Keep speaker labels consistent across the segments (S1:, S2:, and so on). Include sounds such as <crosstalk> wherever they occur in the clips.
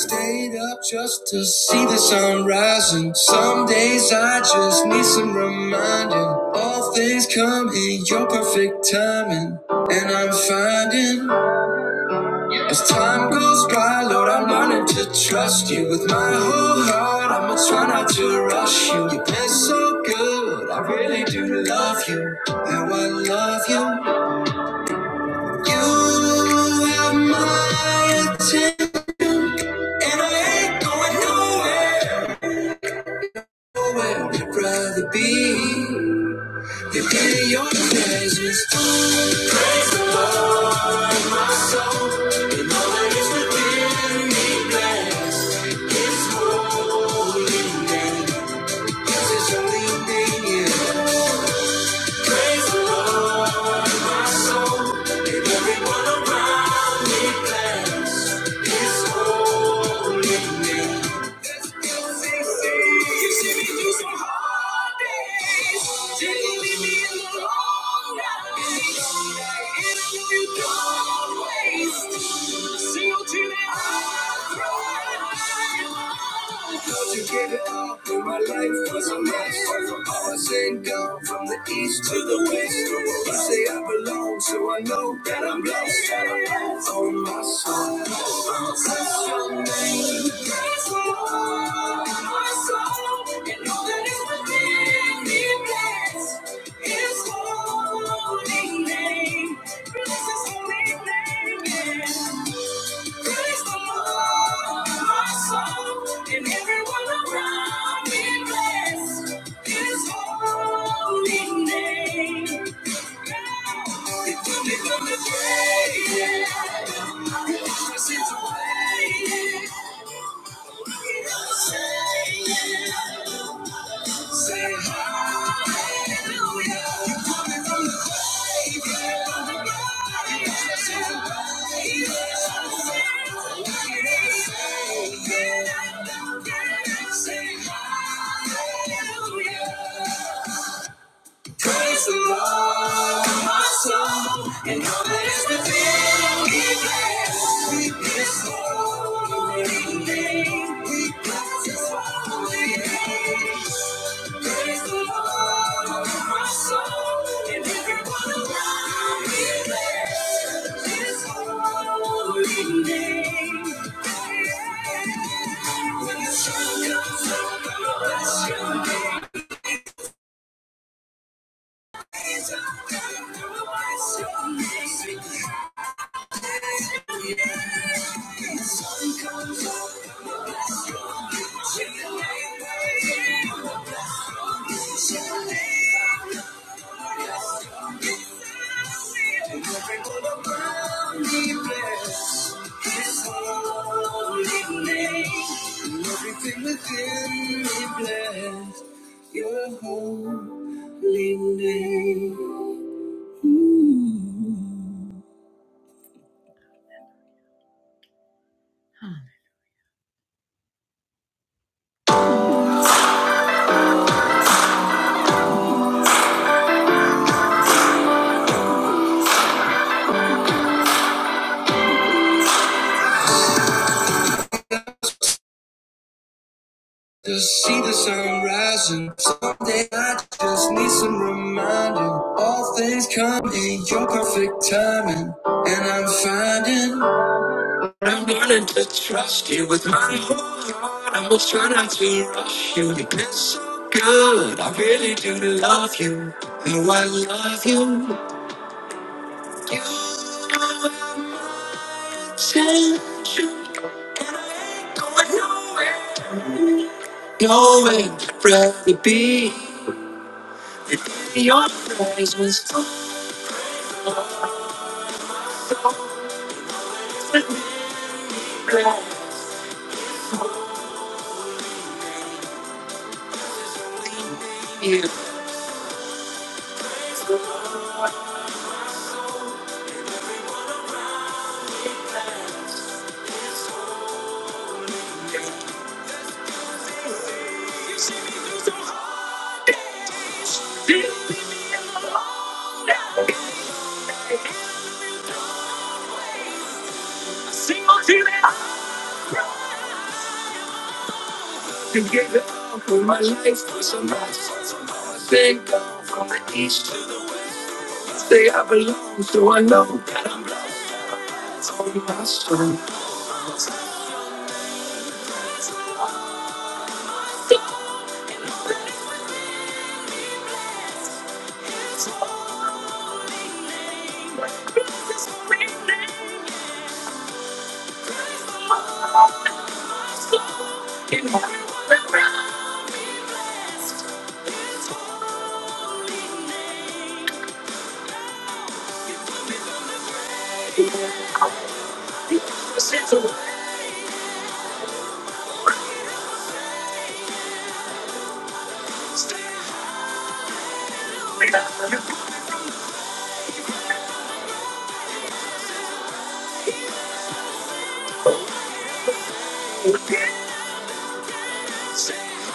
S1: Stayed up just to see the sun rising. Some days I just need some reminding. All things come in your perfect timing. And I'm finding as time goes by, Lord, I'm learning to trust you with my whole heart. I'ma try not to rush you. You've been so good, I really do love you. How I love you. You have my attention, and I ain't going nowhere. Where would you rather be? If in your presence, praise the Lord, my soul, and all that is within me, bless His holy name. This is only name, yeah. Praise the Lord, my soul, and everyone around me, bless His holy name. You see me through some hard days. Didn't me in the wrong light. And I know you don't waste. Seal till it all cries. How'd you give it all when my life was a mess? From powers and gone from the east to the west. You say I belong, so I know that I'm blessed. Oh, my soul, bless your name. Bless my soul, and all that is within me, bless. His holy name. Bless his holy name. Yeah. Praise the Lord, my soul, and everyone around me. Bless his holy name. Yeah. It will be from the grave. Yeah. I will always the way. Yeah. Say Hallelujah. Praise the Lord, my soul, and all that is within me. Bless His holy name. We Bless His holy name. Praise the Lord, my soul, and everyone around me. Bless His holy name. When the sun comes up, I'm going bless Your name. Everything within me bless your holy name. To see the sun rising someday, I just need some reminding. All things come in your perfect timing, and I'm finding I'm learning to trust you with my whole heart. I will try not to rush you. You've been so good. I really do love you. No, I love you. Since you going nowhere, nowhere I'd rather be. Your praise was so glad. you. Single till they to give it all for my life for some life. Been gone from the east to the west. Say I belong, so I know that I'm blessed. It's On my soul. It's Thank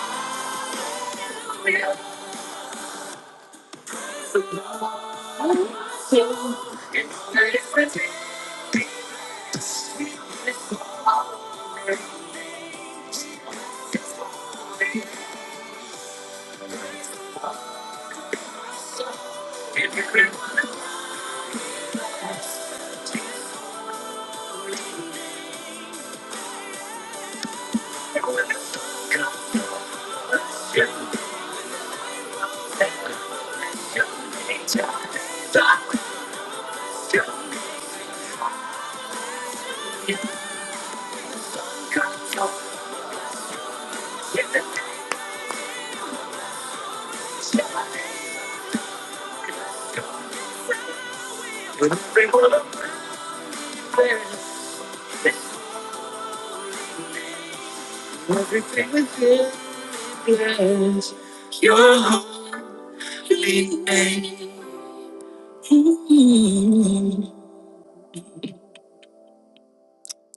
S1: you.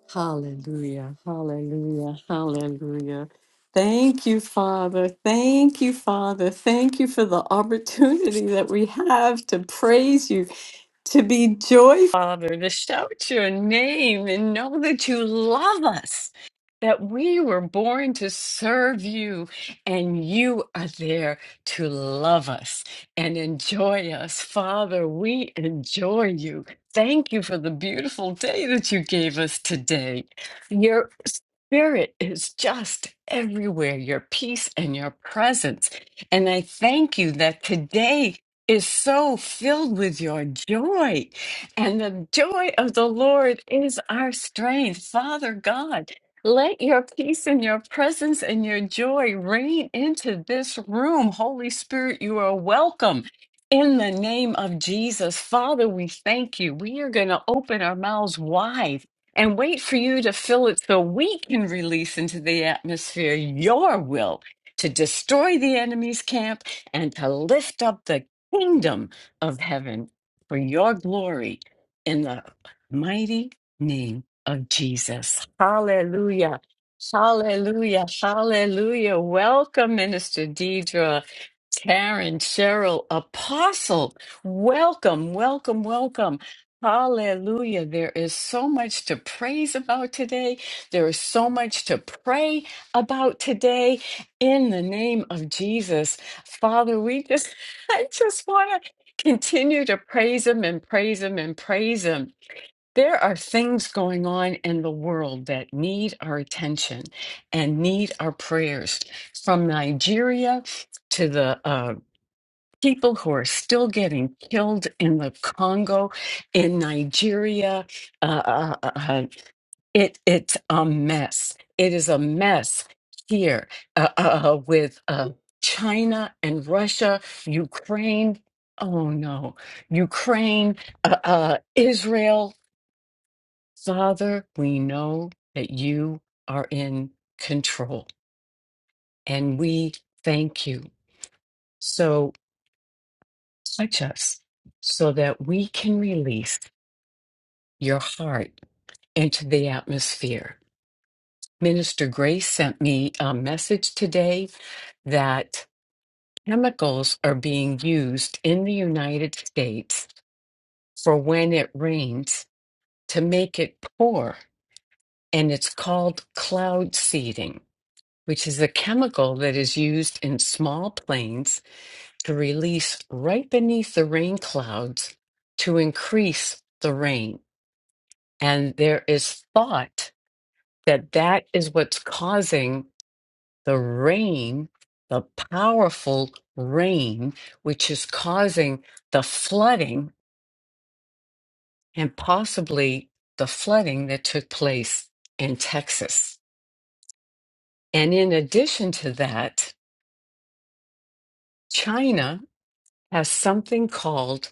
S1: Hallelujah, hallelujah, hallelujah. Thank you, Father. Thank you, Father. Thank you for the opportunity that we have to praise you. to be joyful, Father, to shout your name and know that you love us, that we were born to serve you, and you are there to love us and enjoy us. Father, we enjoy you. Thank you for the beautiful day that you gave us today. Your Spirit is just everywhere, your peace and your presence. And I thank you that today is so filled with your joy, and the joy of the Lord is our strength. Father God, let your peace and your presence and your joy reign into this room. Holy Spirit, you are welcome. In the name of Jesus, Father, we thank you. We are going to open our mouths wide and wait for you to fill it so we can release into the atmosphere your will to destroy the enemy's camp and to lift up the kingdom of heaven for your glory in the mighty name of Jesus. Hallelujah. Hallelujah. Hallelujah. Welcome, Minister Deidre. Karen, Cheryl, Apostle, welcome, welcome, welcome. Hallelujah. There is so much to praise about today. There is so much to pray about today. In the name of Jesus, Father, we just, <laughs> I just want to continue to praise Him and praise Him and praise Him. There are things going on in the world that need our attention and need our prayers from Nigeria to the uh, people who are still getting killed in the Congo, in Nigeria. Uh, uh, uh, uh, it it's a mess. It is a mess here uh, uh, uh, with uh, China and Russia, Ukraine. Oh no, Ukraine, uh, uh, Israel. Father, we know that you are in control, and we thank you. so. touch us so that we can release your heart into the atmosphere. Minister Grace sent me a message today that chemicals are being used in the United States for when it rains to make it pour, and it's called cloud seeding. Which is a chemical that is used in small planes to release right beneath the rain clouds to increase the rain. And there is thought that that is what's causing the rain, the powerful rain, which is causing the flooding and possibly the flooding that took place in Texas. And in addition to that, China has something called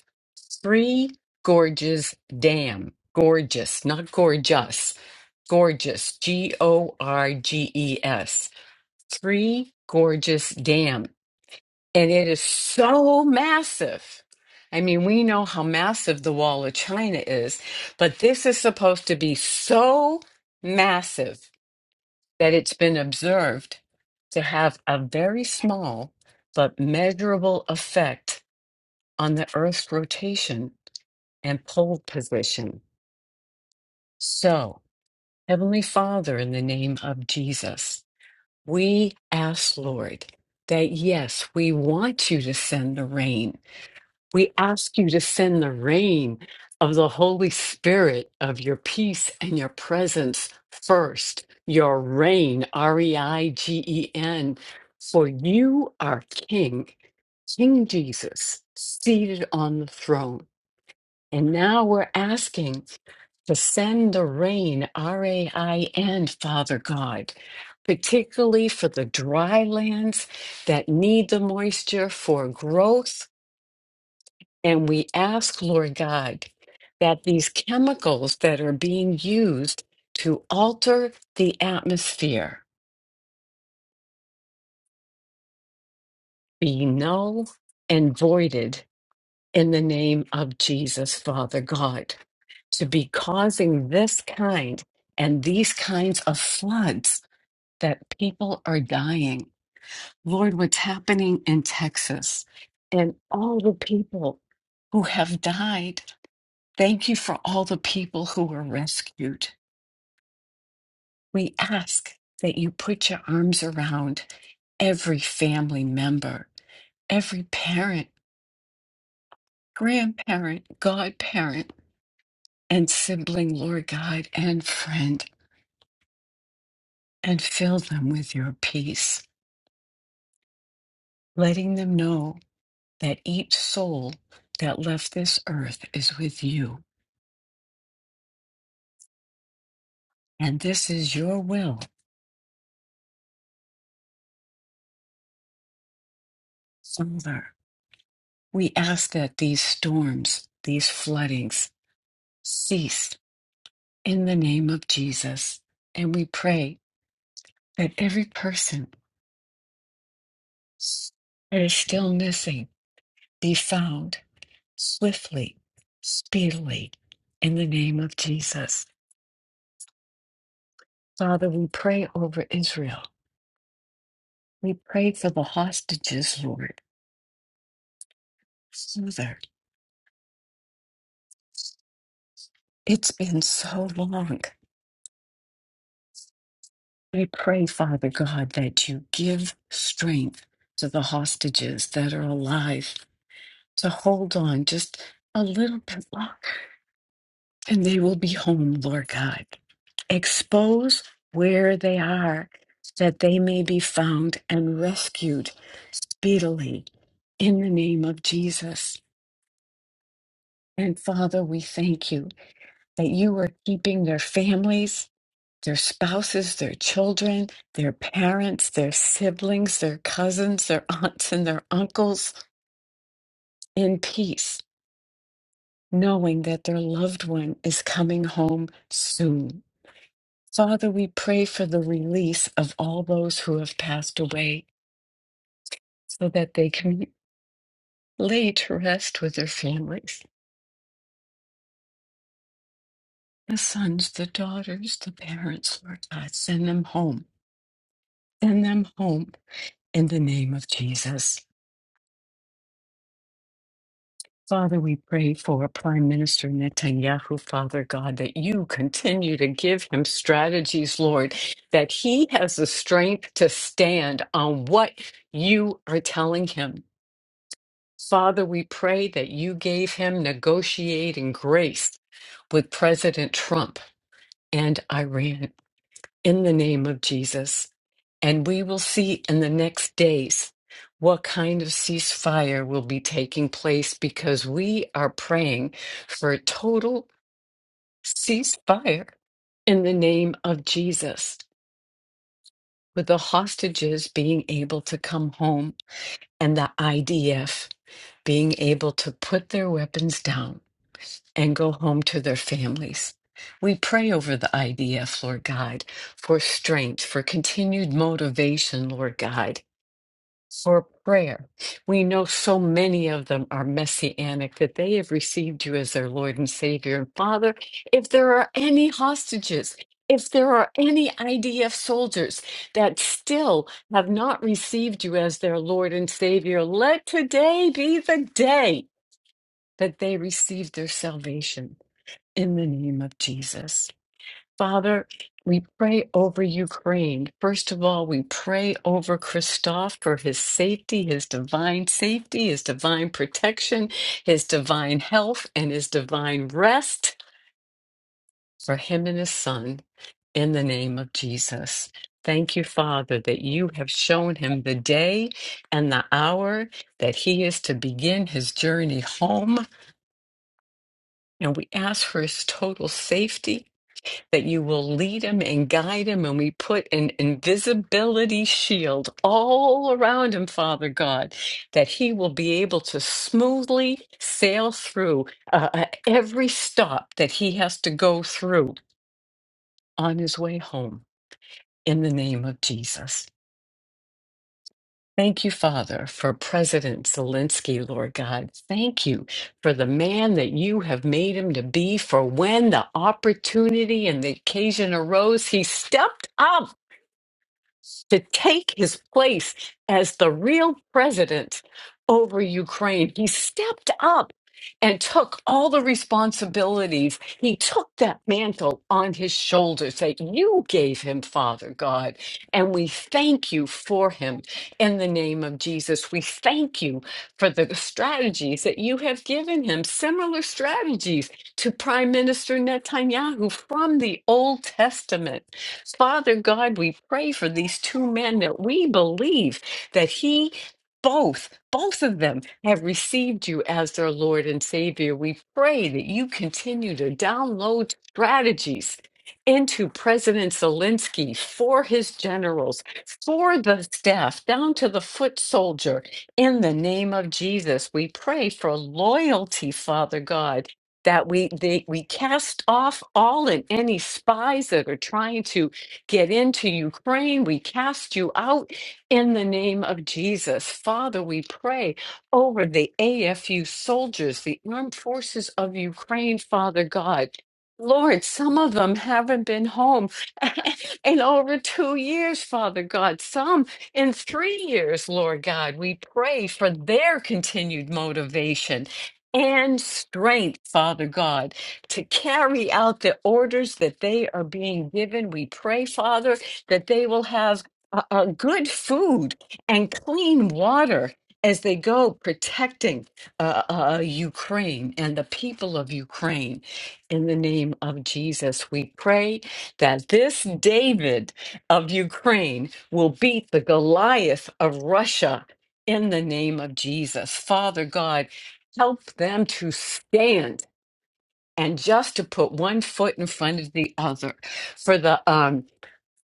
S1: Three Gorges Dam. Gorgeous, not gorgeous. Gorgeous, G O R G E S Three Gorges Dam, and it is so massive. I mean, we know how massive the Wall of China is, but this is supposed to be so massive that it's been observed to have a very small but measurable effect on the Earth's rotation and pole position. So, Heavenly Father, in the name of Jesus. We ask, Lord, that yes, we want you to send the rain. We ask you to send the rain of the Holy Spirit, of your peace and your presence first, your reign, R E I G E N, for you are King, King Jesus, seated on the throne. And now we're asking to send the rain, R A I N, Father God, particularly for the dry lands that need the moisture for growth. And we ask, Lord God, that these chemicals that are being used to alter the atmosphere be null and voided in the name of Jesus, Father God, to be causing this kind and these kinds of floods that people are dying. Lord, what's happening in Texas and all the people who have died. Thank you for all the people who were rescued. We ask that you put your arms around every family member, every parent, grandparent, godparent, and sibling, Lord God, and friend, and fill them with your peace, letting them know that each soul that left this earth is with you, and this is your will, Father. We ask that these storms, these floodings cease in the name of Jesus. And we pray that every person that is still missing be found swiftly, speedily, in the name of Jesus. Father, we pray over Israel. We pray for the hostages, Lord. Father. It's been so long. I pray, Father God, that you give strength to the hostages that are alive to hold on just a little bit longer, and they will be home, Lord God. Expose where they are, that they may be found and rescued speedily in the name of Jesus. And Father, we thank you that you are keeping their families their spouses, their children, their parents, their siblings, their cousins, their <laughs> aunts, and their uncles in peace, knowing that their loved one is coming home soon. Father, we pray for the release of all those who have passed away so that they can lay to rest with their families. The sons, the daughters, the parents, Lord God, send them home. Send them home in the name of Jesus. Father, we pray for Prime Minister Netanyahu, Father God, that you continue to give him strategies, Lord, that he has the strength to stand on what you are telling him. Father, we pray that you gave him negotiating grace with President Trump and Iran in the name of Jesus. And we will see in the next days what kind of ceasefire will be taking place because we are praying for a total ceasefire in the name of Jesus, with the hostages being able to come home and the IDF being able to put their weapons down and go home to their families. We pray over the IDF, Lord God, for strength, for continued motivation, Lord God, for prayer. We know so many of them are messianic that they have received you as their Lord and Savior. And Father, if there are any hostages, if there are any IDF soldiers that still have not received you as their Lord and Savior, let today be the day that they receive their salvation. In the name of Jesus. Father, we pray over Ukraine. First of all, we pray over Christoph for his safety, his divine safety, his divine protection, his divine health, and his divine rest for him and his son in the name of Jesus. Thank you, Father, that you have shown him the day and the hour that he is to begin his journey home. And we ask for his total safety that you will lead him and guide him. And we put an invisibility shield all around him, Father God, that he will be able to smoothly sail through uh, uh, every stop that he has to go through on his way home in the name of Jesus. Thank you, Father, for President Zelensky, Lord God. Thank you for the man that you have made him to be, for when the opportunity and the occasion arose, he stepped up to take his place as the real president over Ukraine. He stepped up and took all the responsibilities. He took that mantle on his shoulders that you gave him, Father God. And we thank you for him in the name of Jesus. We thank you for the strategies that you have given him, similar strategies to Prime Minister Netanyahu from the Old Testament Father God, we pray for these two men that we believe that He both, both of them have received you as their Lord and Savior. We pray that you continue to download strategies into President Zelensky for his generals, for the staff, down to the foot soldier. In the name of Jesus, we pray for loyalty, Father God. That we they, we cast off all and any spies that are trying to get into Ukraine. We cast you out in the name of Jesus. Father, we pray over the AFU soldiers, the armed forces of Ukraine, Father God. Lord, some of them haven't been home <laughs> in over two years, Father God. Some in three years, Lord God. We pray for their continued motivation and strength, Father God to carry out the orders that they are being given. We pray, Father, that they will have uh, uh, good food and clean water as they go protecting uh, uh, Ukraine and the people of Ukraine. In the name of Jesus, we pray that this David of Ukraine will beat the Goliath of Russia in the name of Jesus. Father God, help them to stand and just to put one foot in front of the other for the um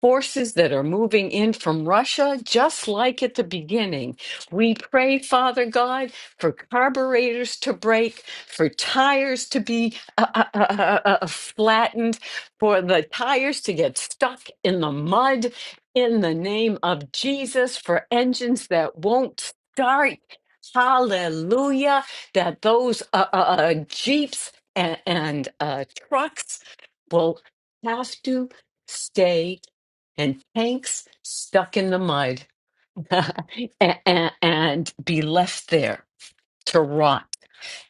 S1: forces that are moving in from Russia, just like at the beginning. We pray, Father God, for carburetors to break, for tires to be uh, uh, uh, uh, uh, uh, flattened, for the tires to get stuck in the mud in the name of Jesus, for engines that won't start. Hallelujah, that those uh, uh, uh, Jeeps and, and uh, trucks will have to stay and tanks stuck in the mud <laughs> and, and be left there to rot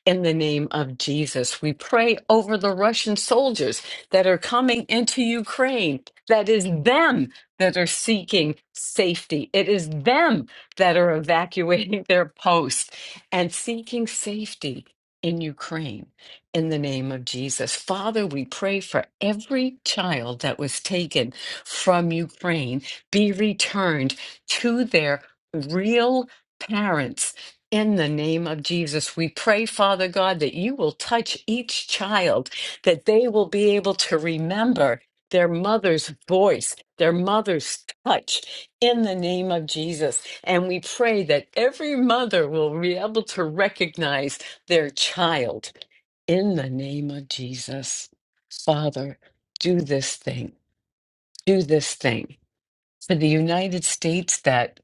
S1: in the name of Jesus. We pray over the Russian soldiers that are coming into Ukraine. That is them that are seeking safety. It is them that are evacuating <laughs> their posts and seeking safety in Ukraine in the name of Jesus. Father, we pray for every child that was taken from Ukraine be returned to their real parents in the name of Jesus, we pray, Father God, that you will touch each child, that they will be able to remember their mother's voice, their mother's touch, in the name of Jesus. And we pray that every mother will be able to recognize their child, in the name of Jesus. Father, do this thing, do this thing. For the United States that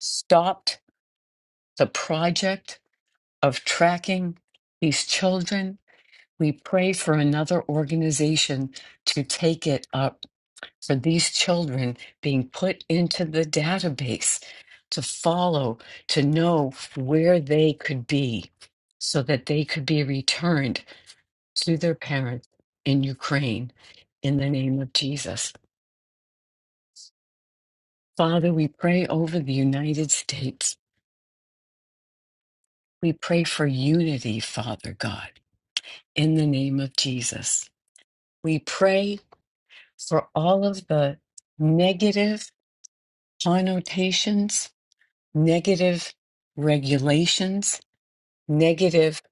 S1: stopped the project of tracking these children. We pray for another organization to take it up for these children being put into the database to follow, to know where they could be so that they could be returned to their parents in Ukraine in the name of Jesus. Father, we pray over the United States. We pray for unity, Father God, in the name of Jesus. We pray for all of the negative connotations, negative regulations, negative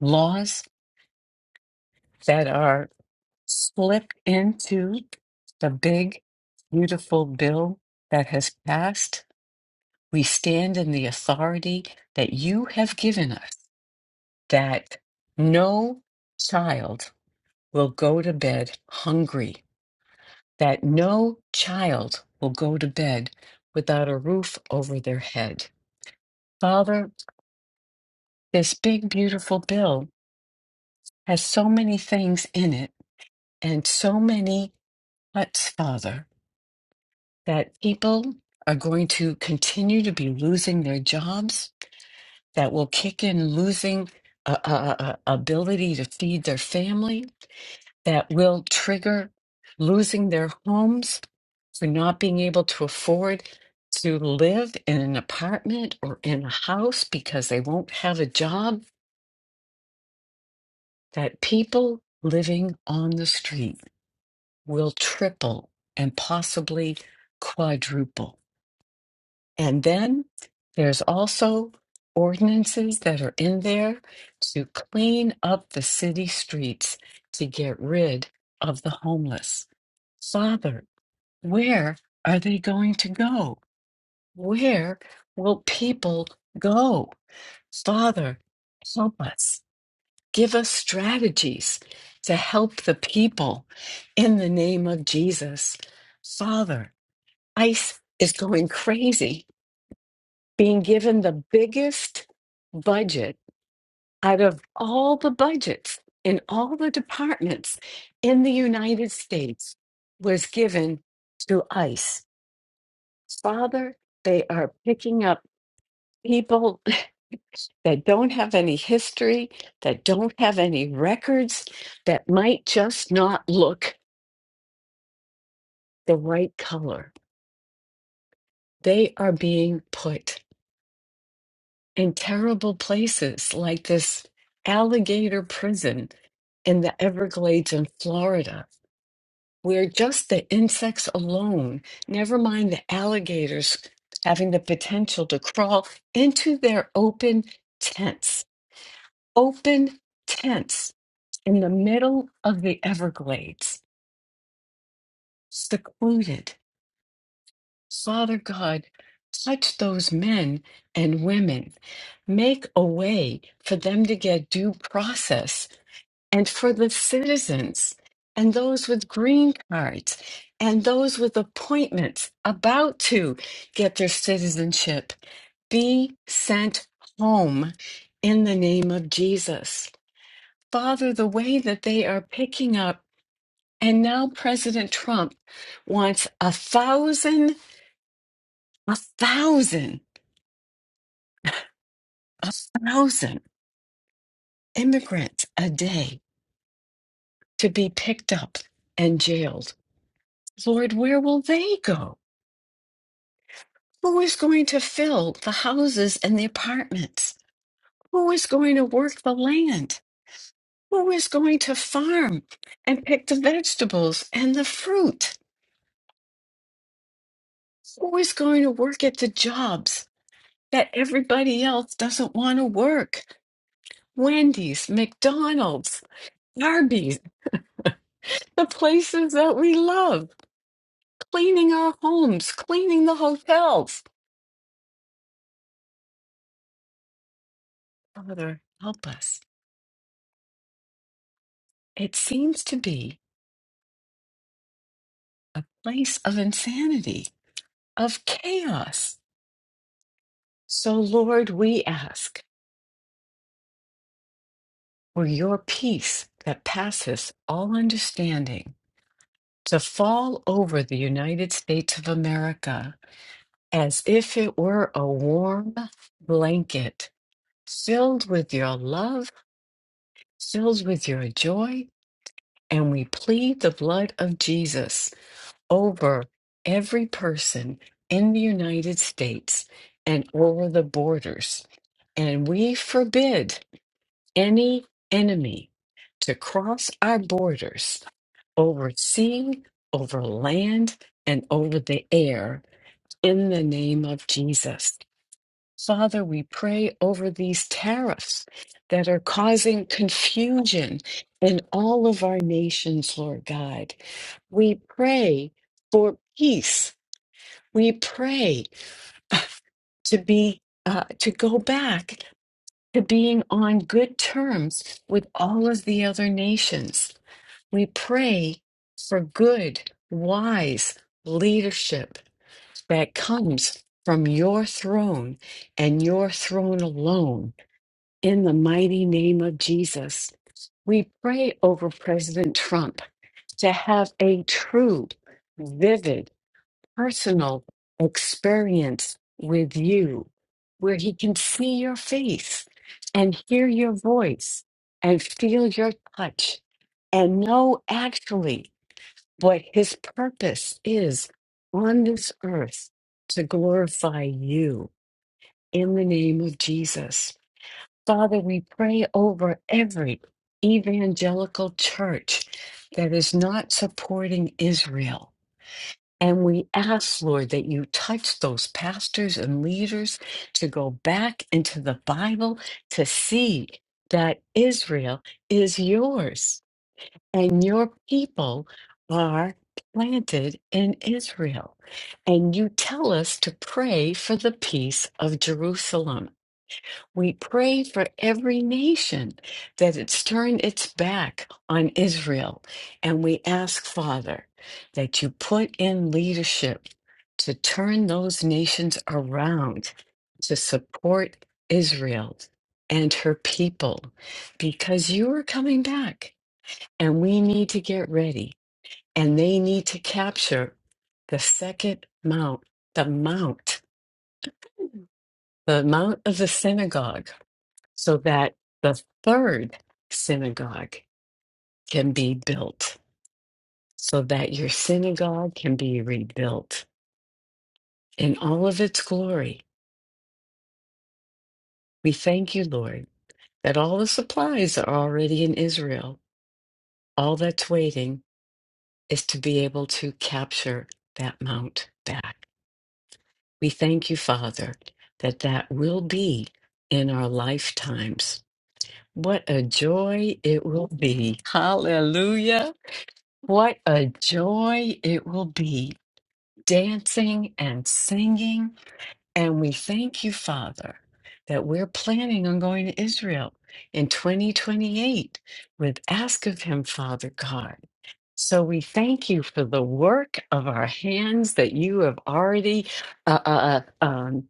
S1: laws that are slipped into the big, beautiful bill that has passed. We stand in the authority that you have given us that no child will go to bed hungry that no child will go to bed without a roof over their head. Father, this big, beautiful bill has so many things in it and so many huts, Father, that people are going to continue to be losing their jobs, that will kick in losing uh, uh, uh, ability to feed their family. that will trigger losing their homes for not being able to afford to live in an apartment or in a house because they won't have a job, that people living on the street will triple and possibly quadruple. And then there's also ordinances that are in there to clean up the city streets to get rid of the homeless. Father, Where are they going to go? Where will people go? Father, help us. Give us strategies to help the people in the name of Jesus. Father, ICE is going crazy, being given the biggest budget out of all the budgets in all the departments in the United States was given to ICE Father, they are picking up people <laughs> that don't have any history, that don't have any records, that might just not look the right color. They are being put in terrible places like this alligator prison in the Everglades in Florida, where just the insects alone, never mind the alligators having the potential to crawl into their open tents open tents in the middle of the Everglades, secluded. Father God, touch those men and women. Make a way for them to get due process and for the citizens and those with green cards and those with appointments about to get their citizenship be sent home in the name of Jesus. Father, the way that they are picking up, and now President Trump wants a thousand, a thousand, a thousand immigrants a day to be picked up and jailed. Lord, where will they go? Who is going to fill the houses and the apartments? Who is going to work the land? Who is going to farm and pick the vegetables and the fruit? Who is going to work at the jobs that everybody else doesn't want to work. Wendy's, McDonald's, Arby's, the places that we love, cleaning our homes, cleaning the hotels. Father, help us. It seems to be a place of insanity, of chaos. So, Lord, we ask for your peace that passes all understanding to fall over the United States of America as if it were a warm blanket filled with your love, filled with your joy. And we plead the blood of Jesus over every person in the United States and over the borders. And we forbid any enemy to cross our borders over sea, over land, and over the air in the name of Jesus. Father, we pray over these tariffs that are causing confusion in all of our nations, Lord God. We pray for peace. We pray <sighs> uh, to be uh, to go back to being on good terms with all of the other nations. We pray for good, wise leadership that comes from your throne and your throne alone. In the mighty name of Jesus, we pray over President Trump to have a true, vivid, personal experience with you where he can see your face and hear your voice and feel your touch and know actually what his purpose is on this earth to glorify you in the name of Jesus. Father, we pray over every evangelical church that is not supporting Israel. And we ask, Lord, that you touch those pastors and leaders to go back into the Bible to see that Israel is yours and your people are planted in Israel. And you tell us to pray for the peace of Jerusalem. We pray for every nation that it's turned its back on Israel. And we ask, Father, that you put in leadership to turn those nations around to support Israel and her people because you are coming back and we need to get ready and they need to capture the second mount, the mount the Mount of the Synagogue, so that the third synagogue can be built, so that your synagogue can be rebuilt in all of its glory. We thank you, Lord, that all the supplies are already in Israel. All that's waiting is to be able to capture that mount back. We thank you, Father, that that will be in our lifetimes. What a joy it will be. Hallelujah. What a joy it will be dancing and singing. And we thank you, Father, that we're planning on going to Israel in 2028 with Ask of Him, Father God. So we thank you for the work of our hands that you have already uh, uh, uh, um,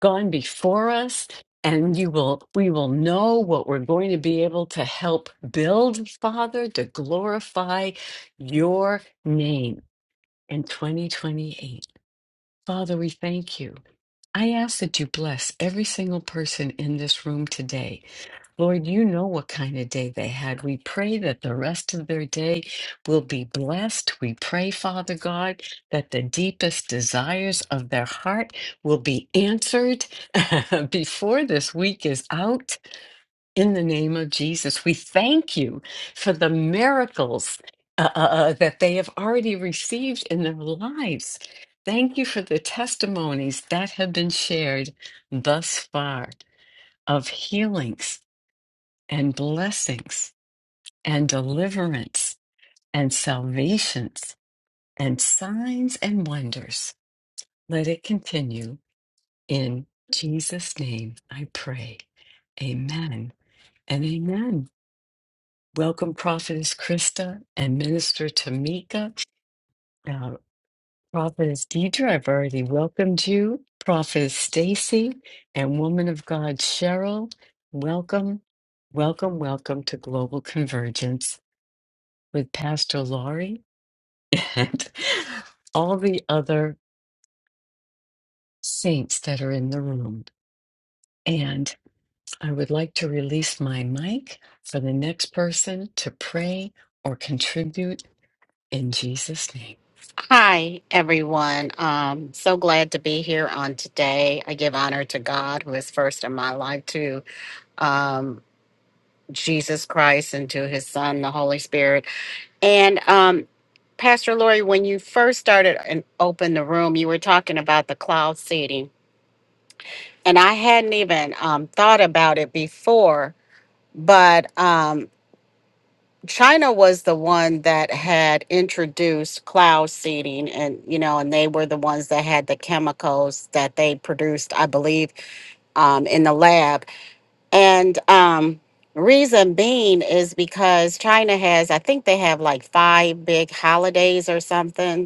S1: gone before us and you will we will know what we're going to be able to help build father to glorify your name in 2028 father we thank you I ask that you bless every single person in this room today. Lord, you know what kind of day they had. We pray that the rest of their day will be blessed. We pray, Father God, that the deepest desires of their heart will be answered <laughs> before this week is out. In the name of Jesus, we thank you for the miracles uh, uh, uh, that they have already received in their lives. Thank you for the testimonies that have been shared thus far of healings and blessings and deliverance and salvations and signs and wonders. Let it continue in Jesus' name, I pray. Amen and amen. Welcome, Prophetess Krista and Minister Tamika. Now, Prophetess Deidre, I've already welcomed you. Prophetess Stacy and Woman of God Cheryl, welcome, welcome, welcome to Global Convergence with Pastor Laurie and <laughs> all the other saints that are in the room. And I would like to release my mic for the next person to pray or contribute in Jesus' name.
S2: Hi, everyone. Um, so glad to be here on today. I give honor to God, who is first in my life, to um, Jesus Christ, and to his son, the Holy Spirit. And um, Pastor Lori, when you first started and opened the room, you were talking about the cloud seeding. And I hadn't even um, thought about it before, but. Um, China was the one that had introduced cloud seeding and you know and they were the ones that had the chemicals that they produced I believe um, in the lab and um, reason being is because China has I think they have like five big holidays or something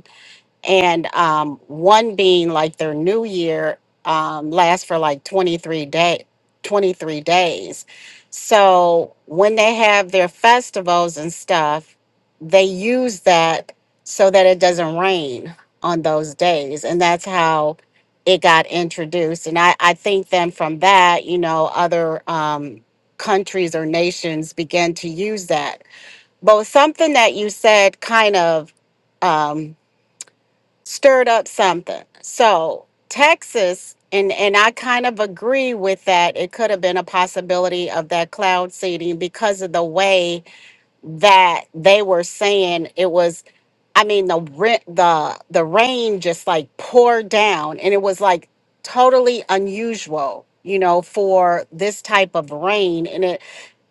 S2: and um, one being like their new year um, lasts for like 23 day 23 days so when they have their festivals and stuff they use that so that it doesn't rain on those days and that's how it got introduced and i, I think then from that you know other um, countries or nations began to use that but something that you said kind of um, stirred up something. So Texas, and and I kind of agree with that. It could have been a possibility of that cloud seeding because of the way that they were saying it was. I mean, the rent, the the rain just like poured down, and it was like totally unusual. You know, for this type of rain, and it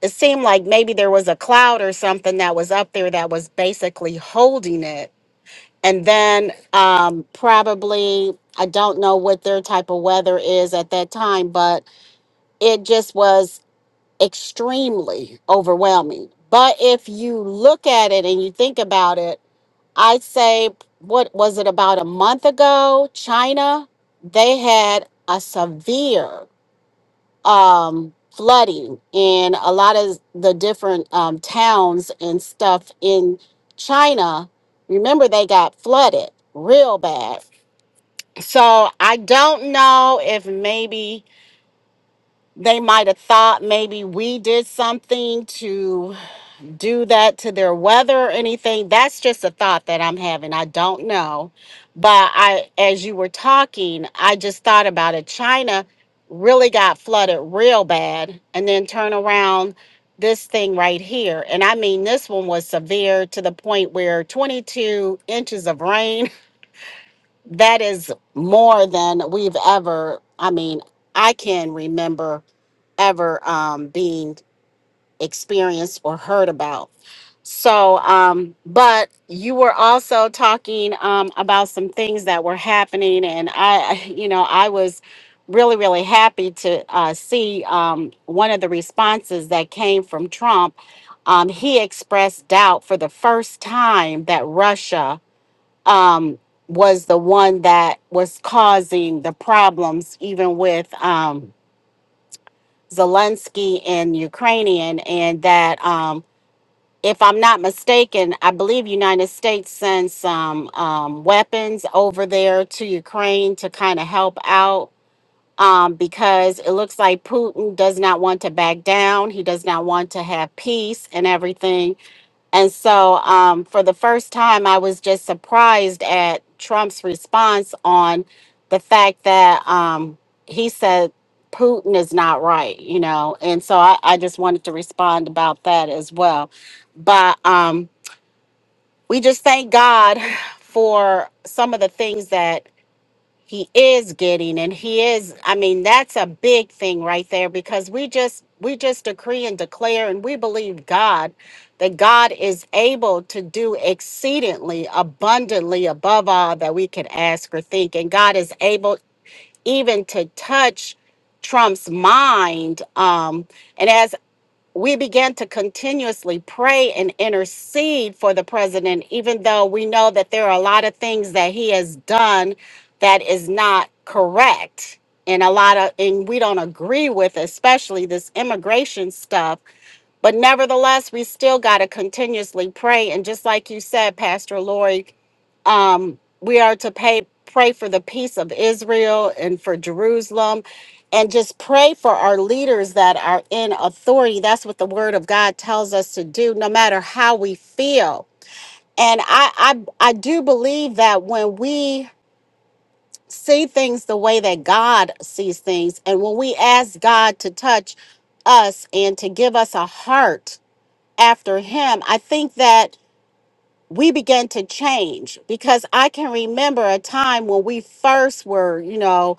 S2: it seemed like maybe there was a cloud or something that was up there that was basically holding it and then um, probably, I don't know what their type of weather is at that time, but it just was extremely overwhelming. But if you look at it and you think about it, I'd say, what was it about a month ago? China, they had a severe um, flooding in a lot of the different um, towns and stuff in China. Remember, they got flooded real bad so I don't know if maybe they might have thought maybe we did something to do that to their weather or anything. That's just a thought that I'm having. I don't know. But I as you were talking, I just thought about it. China really got flooded real bad and then turn around this thing right here. And I mean this one was severe to the point where 22 inches of rain that is more than we've ever i mean i can remember ever um, being experienced or heard about so um but you were also talking um about some things that were happening and i <laughs> you know i was really really happy to uh, see um one of the responses that came from trump um he expressed doubt for the first time that russia um, was the one that was causing the problems, even with um, Zelensky and Ukrainian, and that, um, if I'm not mistaken, I believe United States sent some um, weapons over there to Ukraine to kind of help out. Um, because it looks like Putin does not want to back down. He does not want to have peace and everything. And so, um, for the first time, I was just surprised at Trump's response on the fact that um, he said Putin is not right, you know. And so, I, I just wanted to respond about that as well. But um, we just thank God <sighs> for some of the things that he is getting and he is i mean that's a big thing right there because we just we just decree and declare and we believe god that god is able to do exceedingly abundantly above all that we could ask or think and god is able even to touch trump's mind um and as we began to continuously pray and intercede for the president, even though we know that there are a lot of things that he has done that is not correct and a lot of and we don't agree with especially this immigration stuff but nevertheless, we still got to continuously pray. And just like you said, Pastor Lori, um, we are to pay, pray for the peace of Israel and for Jerusalem and just pray for our leaders that are in authority. That's what the word of God tells us to do, no matter how we feel. And I, I, I do believe that when we see things the way that God sees things, and when we ask God to touch us and to give us a heart after him, I think that we began to change because I can remember a time when we first were, you know,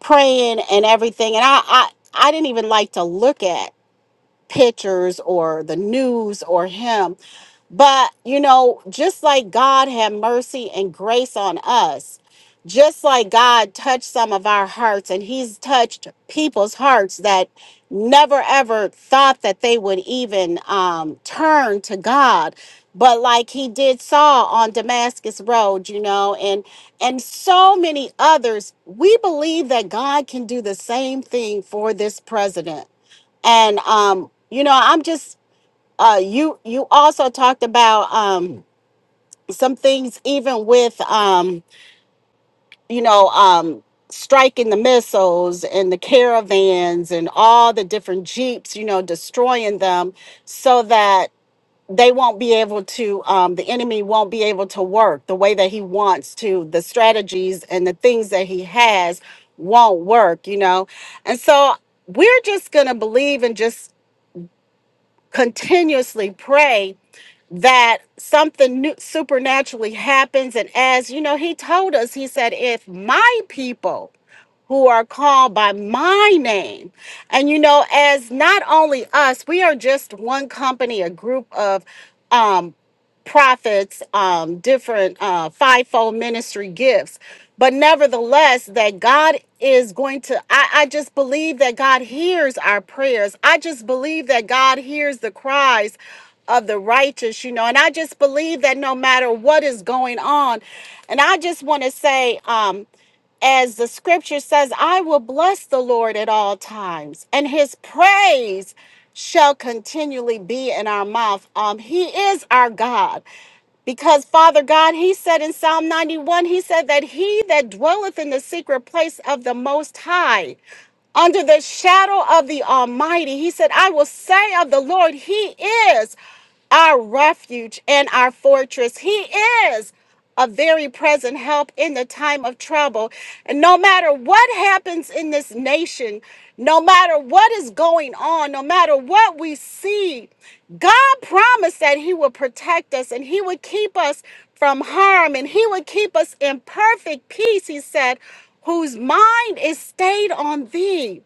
S2: praying and everything. And I, I, I didn't even like to look at pictures or the news or him but, you know, just like God had mercy and grace on us, just like God touched some of our hearts, and He's touched people's hearts that never ever thought that they would even um, turn to God. But like he did Saul on Damascus Road, you know, and and so many others, we believe that God can do the same thing for this president. And um, you know, I'm just uh you you also talked about um some things even with um you know um striking the missiles and the caravans and all the different jeeps you know destroying them so that they won't be able to um the enemy won't be able to work the way that he wants to the strategies and the things that he has won't work you know and so we're just going to believe and just continuously pray that something new, supernaturally happens. And as you know, he told us, he said, if my people who are called by my name, and you know, as not only us, we are just one company, a group of um prophets, um, different uh, fivefold ministry gifts. But nevertheless, that God is going to, I, I just believe that God hears our prayers. I just believe that God hears the cries of the righteous, you know, and I just believe that no matter what is going on, and I just want to say, um, as the scripture says, I will bless the Lord at all times, and his praise shall continually be in our mouth. Um, he is our God. Because Father God, He said in Psalm 91, He said that he that dwelleth in the secret place of the Most High, under the shadow of the Almighty, He said, I will say of the Lord, He is our refuge and our fortress. He is a very present help in the time of trouble. And no matter what happens in this nation, no matter what is going on, no matter what we see, God promised that He would protect us and He would keep us from harm and He would keep us in perfect peace, He said, whose mind is stayed on Thee.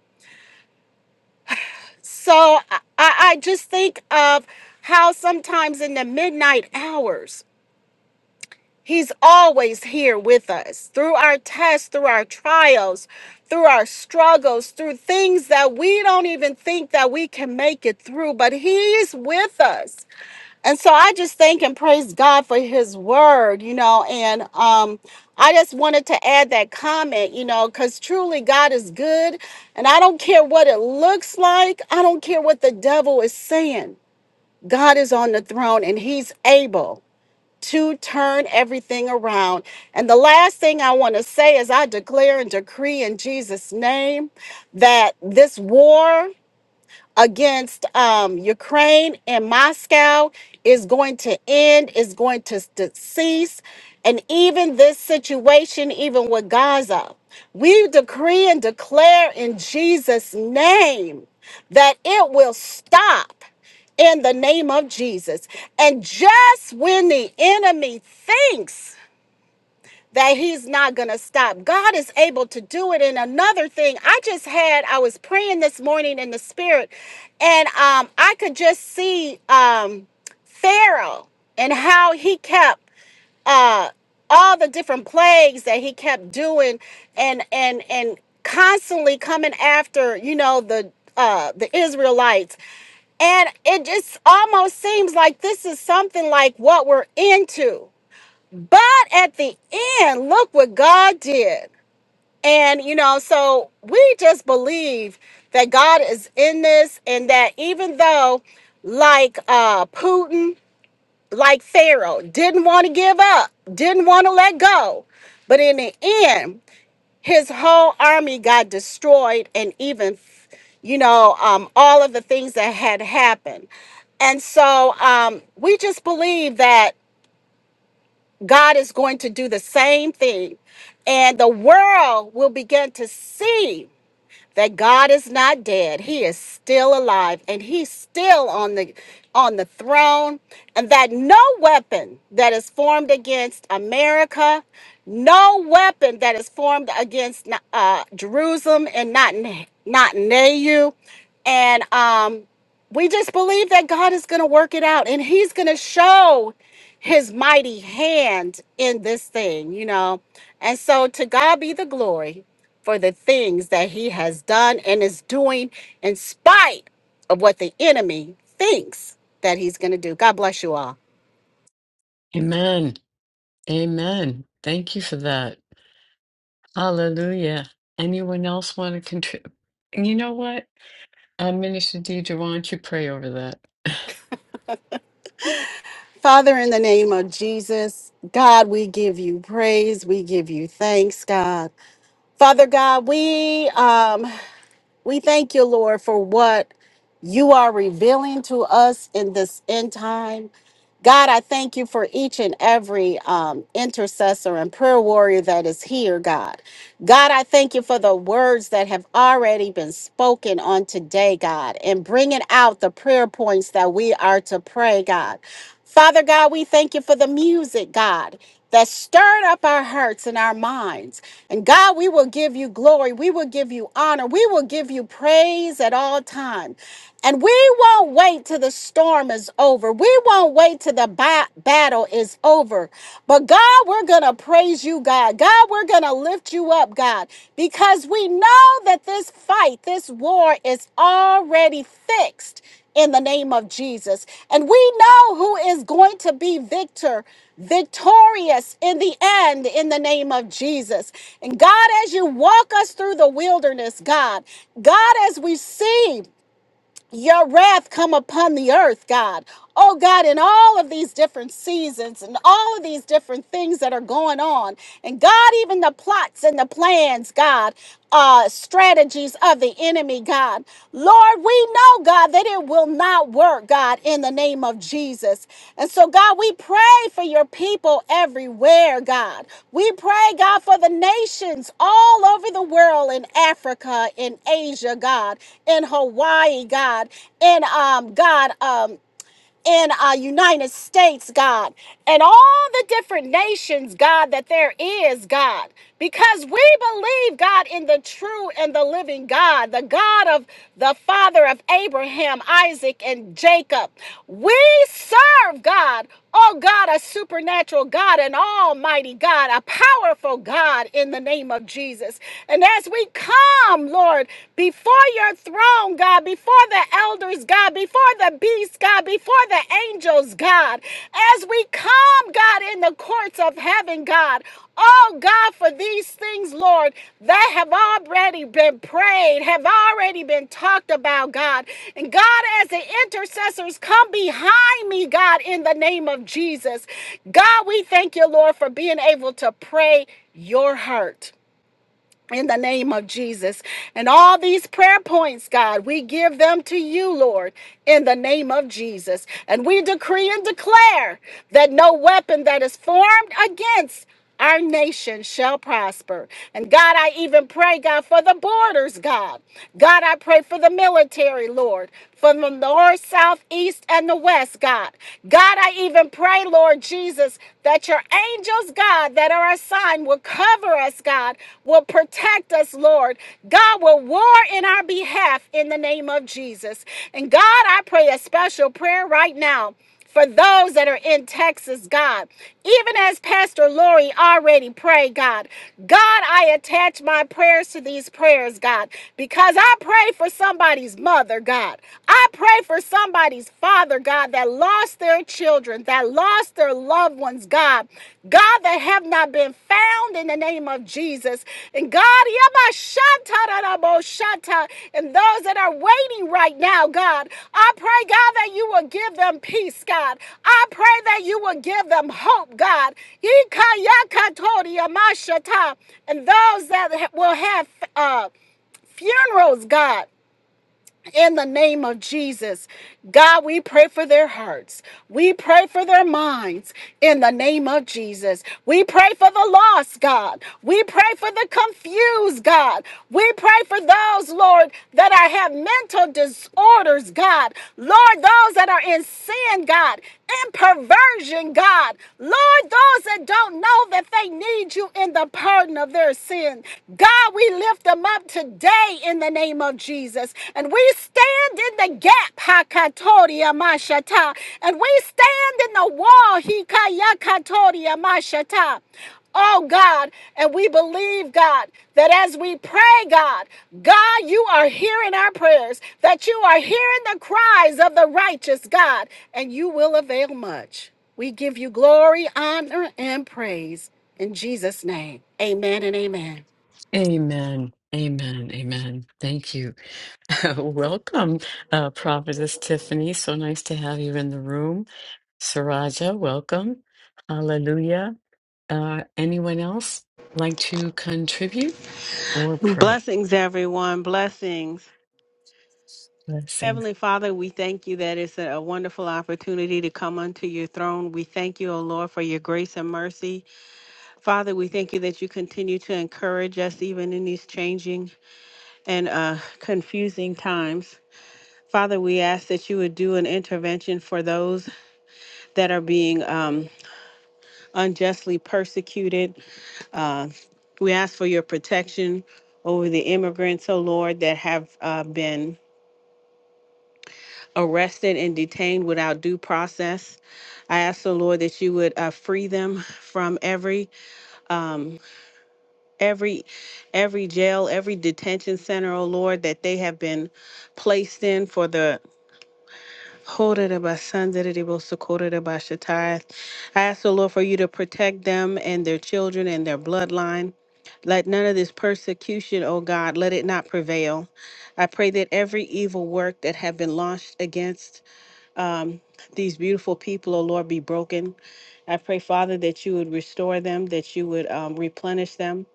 S2: So I, I I just think of how sometimes in the midnight hours, He's always here with us through our tests, through our trials, through our struggles, through things that we don't even think that we can make it through, but he is with us. And so I just thank and praise God for his word, you know, and um I just wanted to add that comment, you know, cuz truly God is good, and I don't care what it looks like, I don't care what the devil is saying. God is on the throne and he's able to turn everything around. And the last thing I want to say is I declare and decree in Jesus' name that this war against um, Ukraine and Moscow is going to end, is going to, to cease. And even this situation, even with Gaza, we decree and declare in Jesus' name that it will stop in the name of Jesus. And just when the enemy thinks, that he's not going to stop. God is able to do it. And another thing, I just had, I was praying this morning in the spirit, and um, I could just see um, Pharaoh and how he kept. Uh, all the different plagues that he kept doing and and and constantly coming after you know the uh the israelites and it just almost seems like this is something like what we're into but at the end, look what God did. And, you know, so we just believe that God is in this and that even though, like uh, Putin, like Pharaoh, didn't want to give up, didn't want to let go, but in the end, his whole army got destroyed and even, you know, um, all of the things that had happened. And so um, we just believe that God is going to do the same thing. And the world will begin to see that God is not dead. He is still alive and he's still on the on the throne and that no weapon that is formed against America, no weapon that is formed against uh, Jerusalem and not not Nehu and um we just believe that God is going to work it out and he's going to show his mighty hand in this thing, you know. And so to God be the glory for the things that he has done and is doing in spite of what the enemy thinks that he's going to do. God bless you all.
S1: Amen. Amen. Thank you for that. Hallelujah. Anyone else want to contribute? You know what? Uh, Minister Deidre, why don't you pray over that? <laughs>
S2: Father, in the name of Jesus, God, we give you praise. We give you thanks, God. Father God, we um we thank you, Lord, for what you are revealing to us in this end time. God, I thank you for each and every um, intercessor and prayer warrior that is here, God. God, I thank you for the words that have already been spoken on today, God, and bringing out the prayer points that we are to pray, God. Father God, we thank you for the music, God, that stirred up our hearts and our minds. And God, we will give you glory. We will give you honor. We will give you praise at all times. And we won't wait till the storm is over. We won't wait till the ba- battle is over. But God, we're going to praise you, God. God, we're going to lift you up, God, because we know that this fight, this war is already fixed in the name of Jesus. And we know who is going to be victor, victorious in the end in the name of Jesus. And God, as you walk us through the wilderness, God, God, as we see your wrath come upon the earth, God. Oh God, in all of these different seasons and all of these different things that are going on. And God, even the plots and the plans, God, uh, strategies of the enemy, God. Lord, we know, God, that it will not thy word, God, in the name of Jesus. And so, God, we pray for your people everywhere, God. We pray, God, for the nations all over the world in Africa, in Asia, God, in Hawaii, God, in um, God, um, in our United States, God, and all the different nations, God, that there is, God, because we believe, God, in the true and the living God, the God of the Father of Abraham, Isaac, and Jacob. We serve, God, oh God, a supernatural God, an almighty God, a powerful God in the name of Jesus. And as we come, Lord, before your throne, throne, God, before the elders, God, before the beasts, God, before the angels, God, as we come, God, in the courts of heaven, God. Oh God, for these things, Lord, that have already been prayed, have already been talked about, God. And God, as the intercessors come behind me, God, in the name of Jesus. God, we thank you, Lord, for being able to pray your heart in the name of Jesus. And all these prayer points, God, we give them to you, Lord, in the name of Jesus. And we decree and declare that no weapon that is formed against our nation shall prosper. And God, I even pray, God, for the borders, God. God, I pray for the military, Lord, from the north, south, east, and the west, God. God, I even pray, Lord Jesus, that your angels, God, that are assigned will cover us, God, will protect us, Lord. God will war in our behalf in the name of Jesus. And God, I pray a special prayer right now for those that are in Texas, God. Even as Pastor Lori already prayed, God. God, I attach my prayers to these prayers, God, because I pray for somebody's mother, God. I pray for somebody somebody's father, God, that lost their children, that lost their loved ones, God. God, that have not been found in the name of Jesus. And God, Yabashatarabashata, and those that are waiting right now, God, I pray, God, that you will give them peace, God. I pray that you will give them hope, God. Yikayakatoriyamashata. And those that will have uh, funerals, God in the name of Jesus. God, we pray for their hearts. We pray for their minds in the name of Jesus. We pray for the lost, God. We pray for the confused, God. We pray for those, Lord, that are, have mental disorders, God. Lord, those that are in sin, God, in perversion, God. Lord, those that don't know that they need you in the pardon of their sin. God, we lift them up today today in the name of Jesus. And we stand in the gap, Hakatoria Mashata. And we stand in the wall, Hikayakatoria Mashata. Oh God, and we believe, God, that as we pray, God, God, you are hearing our prayers, that you are hearing the cries of the righteous, God, and you will avail much. We give you glory, honor, and praise in Jesus' name. Amen and amen.
S1: Amen. Amen. Amen. Thank you. <laughs> welcome, uh, Prophetess Tiffany. So nice to have you in the room. Saraja, welcome. Hallelujah. Uh, anyone else like to contribute or pray?
S3: Blessings, everyone. Blessings.
S1: Blessings.
S3: Heavenly Father, we thank you that it's a wonderful opportunity to come unto your throne. We thank you, O Lord, for your grace and mercy. Father, we thank you that you continue to encourage us even in these changing and uh, confusing times. Father, we ask that you would do an intervention for those that are being um, unjustly persecuted. Uh, we ask for your protection over the immigrants, O Lord, that have uh, been arrested and detained without due process. I ask the Lord that you would uh, free them from every um, every every jail, every detention center, oh Lord, that they have been placed in for the. I ask the Lord for you to protect them and their children and their bloodline. Let none of this persecution, oh God, let it not prevail. I pray that every evil work that have been launched against um, these beautiful people, oh Lord, be broken. I pray, Father, that you would restore them, that you would um, replenish them.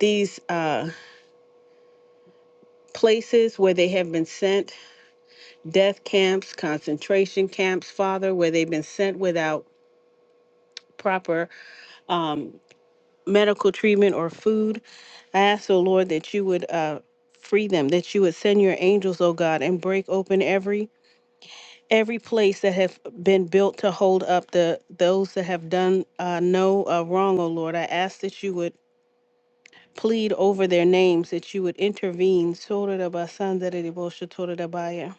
S3: These uh, places where they have been sent, death camps, concentration camps, Father, where they've been sent without proper um, medical treatment or food. I ask, oh Lord, that you would uh, free them, that you would send your angels, oh God, and break open every every place that have been built to hold up the those that have done uh, no uh, wrong, O Lord. I ask that you would plead over their names, that you would intervene. Sotorabasandarabosotorabaya.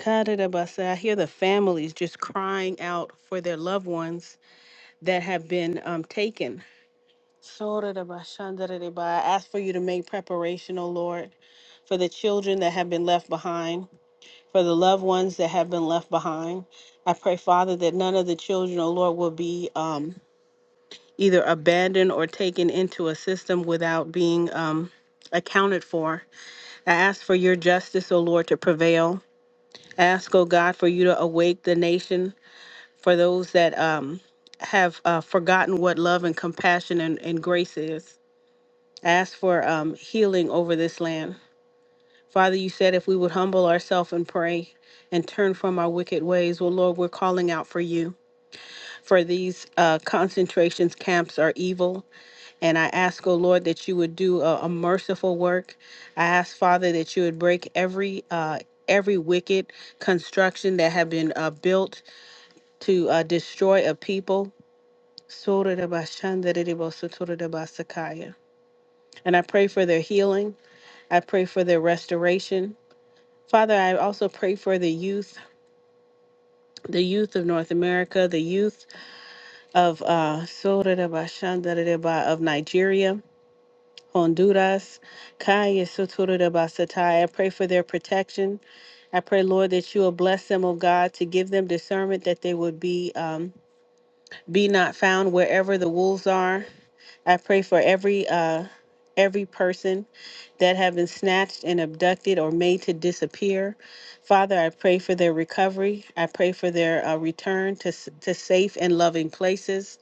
S3: Kadarabasa. I hear the families just crying out for their loved ones that have been um, taken. Sotorabashandarabaya. I ask for you to make preparation, O Lord, for the children that have been left behind. for the loved ones that have been left behind. I pray, Father, that none of the children, oh Lord, will be um, either abandoned or taken into a system without being um, accounted for. I ask for your justice, O Lord, to prevail. I ask, O God, for you to awake the nation for those that um, have uh, forgotten what love and compassion and, and grace is. I ask for um, healing over this land. Father, you said if we would humble ourselves and pray and turn from our wicked ways, well, Lord, we're calling out for you. For these uh, concentrations camps are evil. And I ask, oh Lord, that you would do a, a merciful work. I ask, Father, that you would break every. Uh, Every wicked construction that have been uh, built to uh, destroy a people. And I pray for their healing. I pray for their restoration. Father, I also pray for the youth the youth of North America, the youth of uh, Sororaba Shandarereba of Nigeria, Honduras, Kaya Sotororeba Satai. I pray for their protection. I pray, Lord, that you will bless them, oh God, to give them discernment that they would be um, be not found wherever the wolves are. I pray for every uh every person that have been snatched and abducted or made to disappear. Father, I pray for their recovery. I pray for their uh, return to s- to safe and loving places.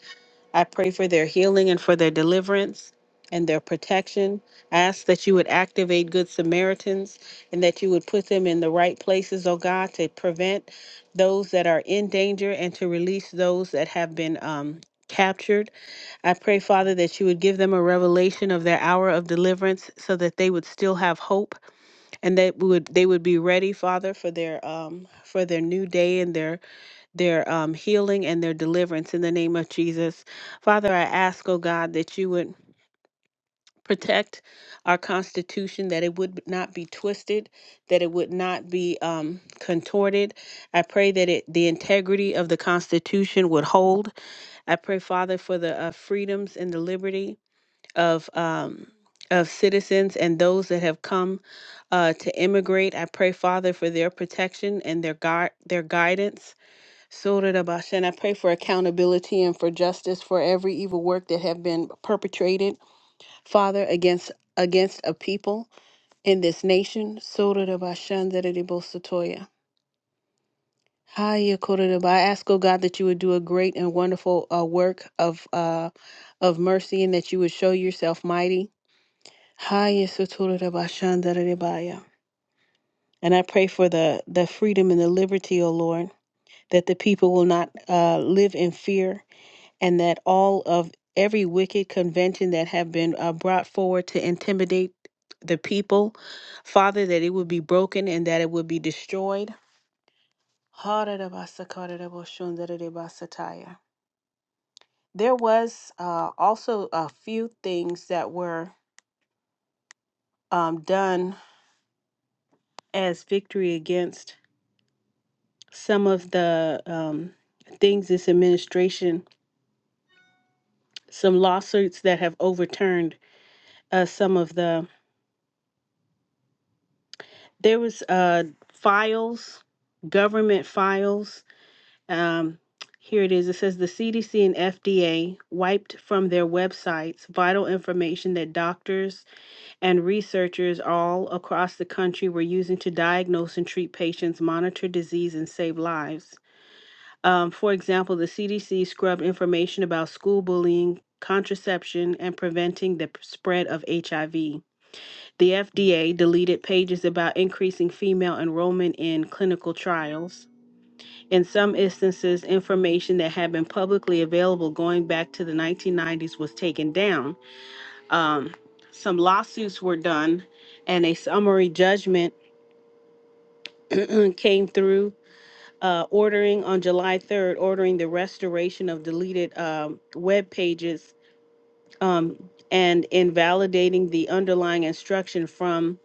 S3: I pray for their healing and for their deliverance and their protection. I ask that you would activate good Samaritans and that you would put them in the right places, oh God, to prevent those that are in danger and to release those that have been um, captured. I pray, Father, that you would give them a revelation of their hour of deliverance so that they would still have hope and that would they would be ready, Father, for their um for their new day and their their um healing and their deliverance in the name of Jesus. Father, I ask, oh God, that you would protect our constitution that it would not be twisted that it would not be um, contorted i pray that it the integrity of the constitution would hold i pray father for the uh, freedoms and the liberty of um, of citizens and those that have come uh, to immigrate. I pray, Father, for their protection and their guard, their guidance. Sorarabasha. And I pray for accountability and for justice for every evil work that have been perpetrated, Father, against against a people in this nation. Sorarabashandarabosatoya. Hiya, Kororaba. I ask, oh God, that you would do a great and wonderful uh, work of uh, of mercy and that you would show yourself mighty Haya sotorera bashandara rebaya. And I pray for the, the freedom and the liberty, O Lord, that the people will not uh, live in fear and that all of every wicked convention that have been uh, brought forward to intimidate the people, Father, that it would be broken and that it would be destroyed. Harara basakarara boshundara rebasataya. There was uh, also a few things that were um, done as victory against some of the um, things this administration, some lawsuits that have overturned uh, some of the, there was uh, files, government files. Um, here it is. It says the CDC and FDA wiped from their websites vital information that doctors and researchers all across the country were using to diagnose and treat patients, monitor disease, and save lives. Um, for example, the CDC scrubbed information about school bullying, contraception, and preventing the p- spread of HIV. The FDA deleted pages about increasing female enrollment in clinical trials. In some instances, information that had been publicly available going back to the 1990s was taken down. Um, some lawsuits were done, and a summary judgment <clears throat> came through uh, ordering on July 3rd, ordering the restoration of deleted um, web pages um, and invalidating the underlying instruction from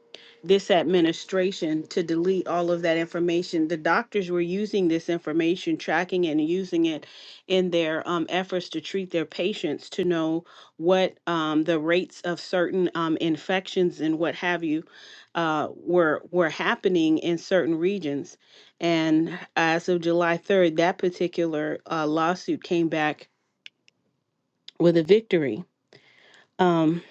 S3: this administration to delete all of that information. The doctors were using this information, tracking it and using it in their um, efforts to treat their patients to know what um, the rates of certain um, infections and what have you uh, were were happening in certain regions. And as of July 3rd, that particular uh, lawsuit came back with a victory. Um,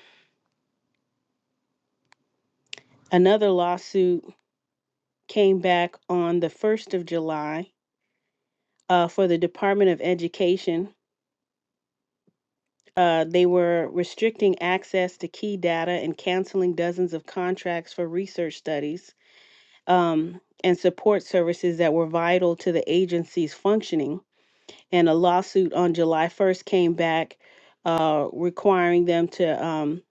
S3: Another lawsuit came back on the 1st of July uh, for the Department of Education. Uh, they were restricting access to key data and canceling dozens of contracts for research studies um, and support services that were vital to the agency's functioning. And a lawsuit on July 1st came back uh, requiring them to um,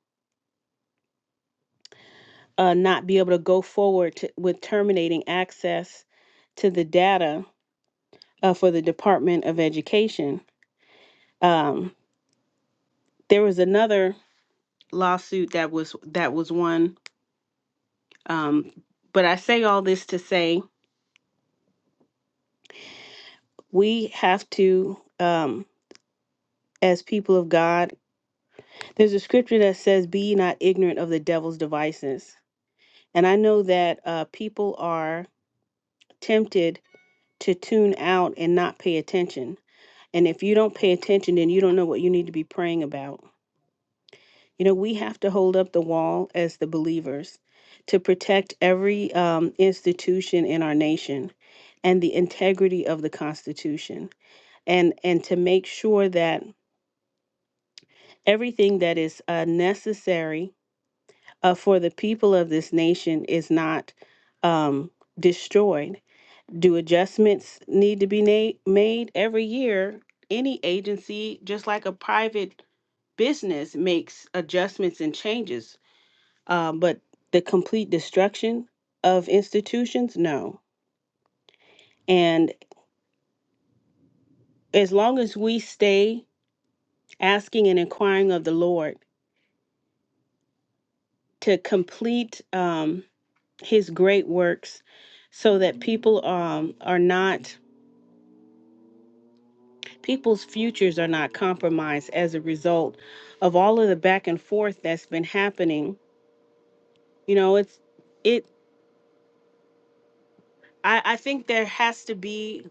S3: uh, not be able to go forward to, with terminating access to the data uh, for the Department of Education. Um, there was another lawsuit that was that was won, um, but I say all this to say we have to, um, as people of God, there's a scripture that says, "Be ye not ignorant of the devil's devices," and I know that uh, people are tempted to tune out and not pay attention. And if you don't pay attention, then you don't know what you need to be praying about. You know, we have to hold up the wall as the believers to protect every um, institution in our nation and the integrity of the Constitution, and and to make sure that everything that is uh, necessary uh, for the people of this nation is not um, destroyed. Do adjustments need to be na- made every year? Any agency, just like a private business, makes adjustments and changes um, but the complete destruction of institutions, no. And as long as we stay asking and inquiring of the Lord to complete um, His great works, so that people um, are not people's futures are not compromised as a result of all of the back and forth that's been happening. You know, it's it. I, I think there has to be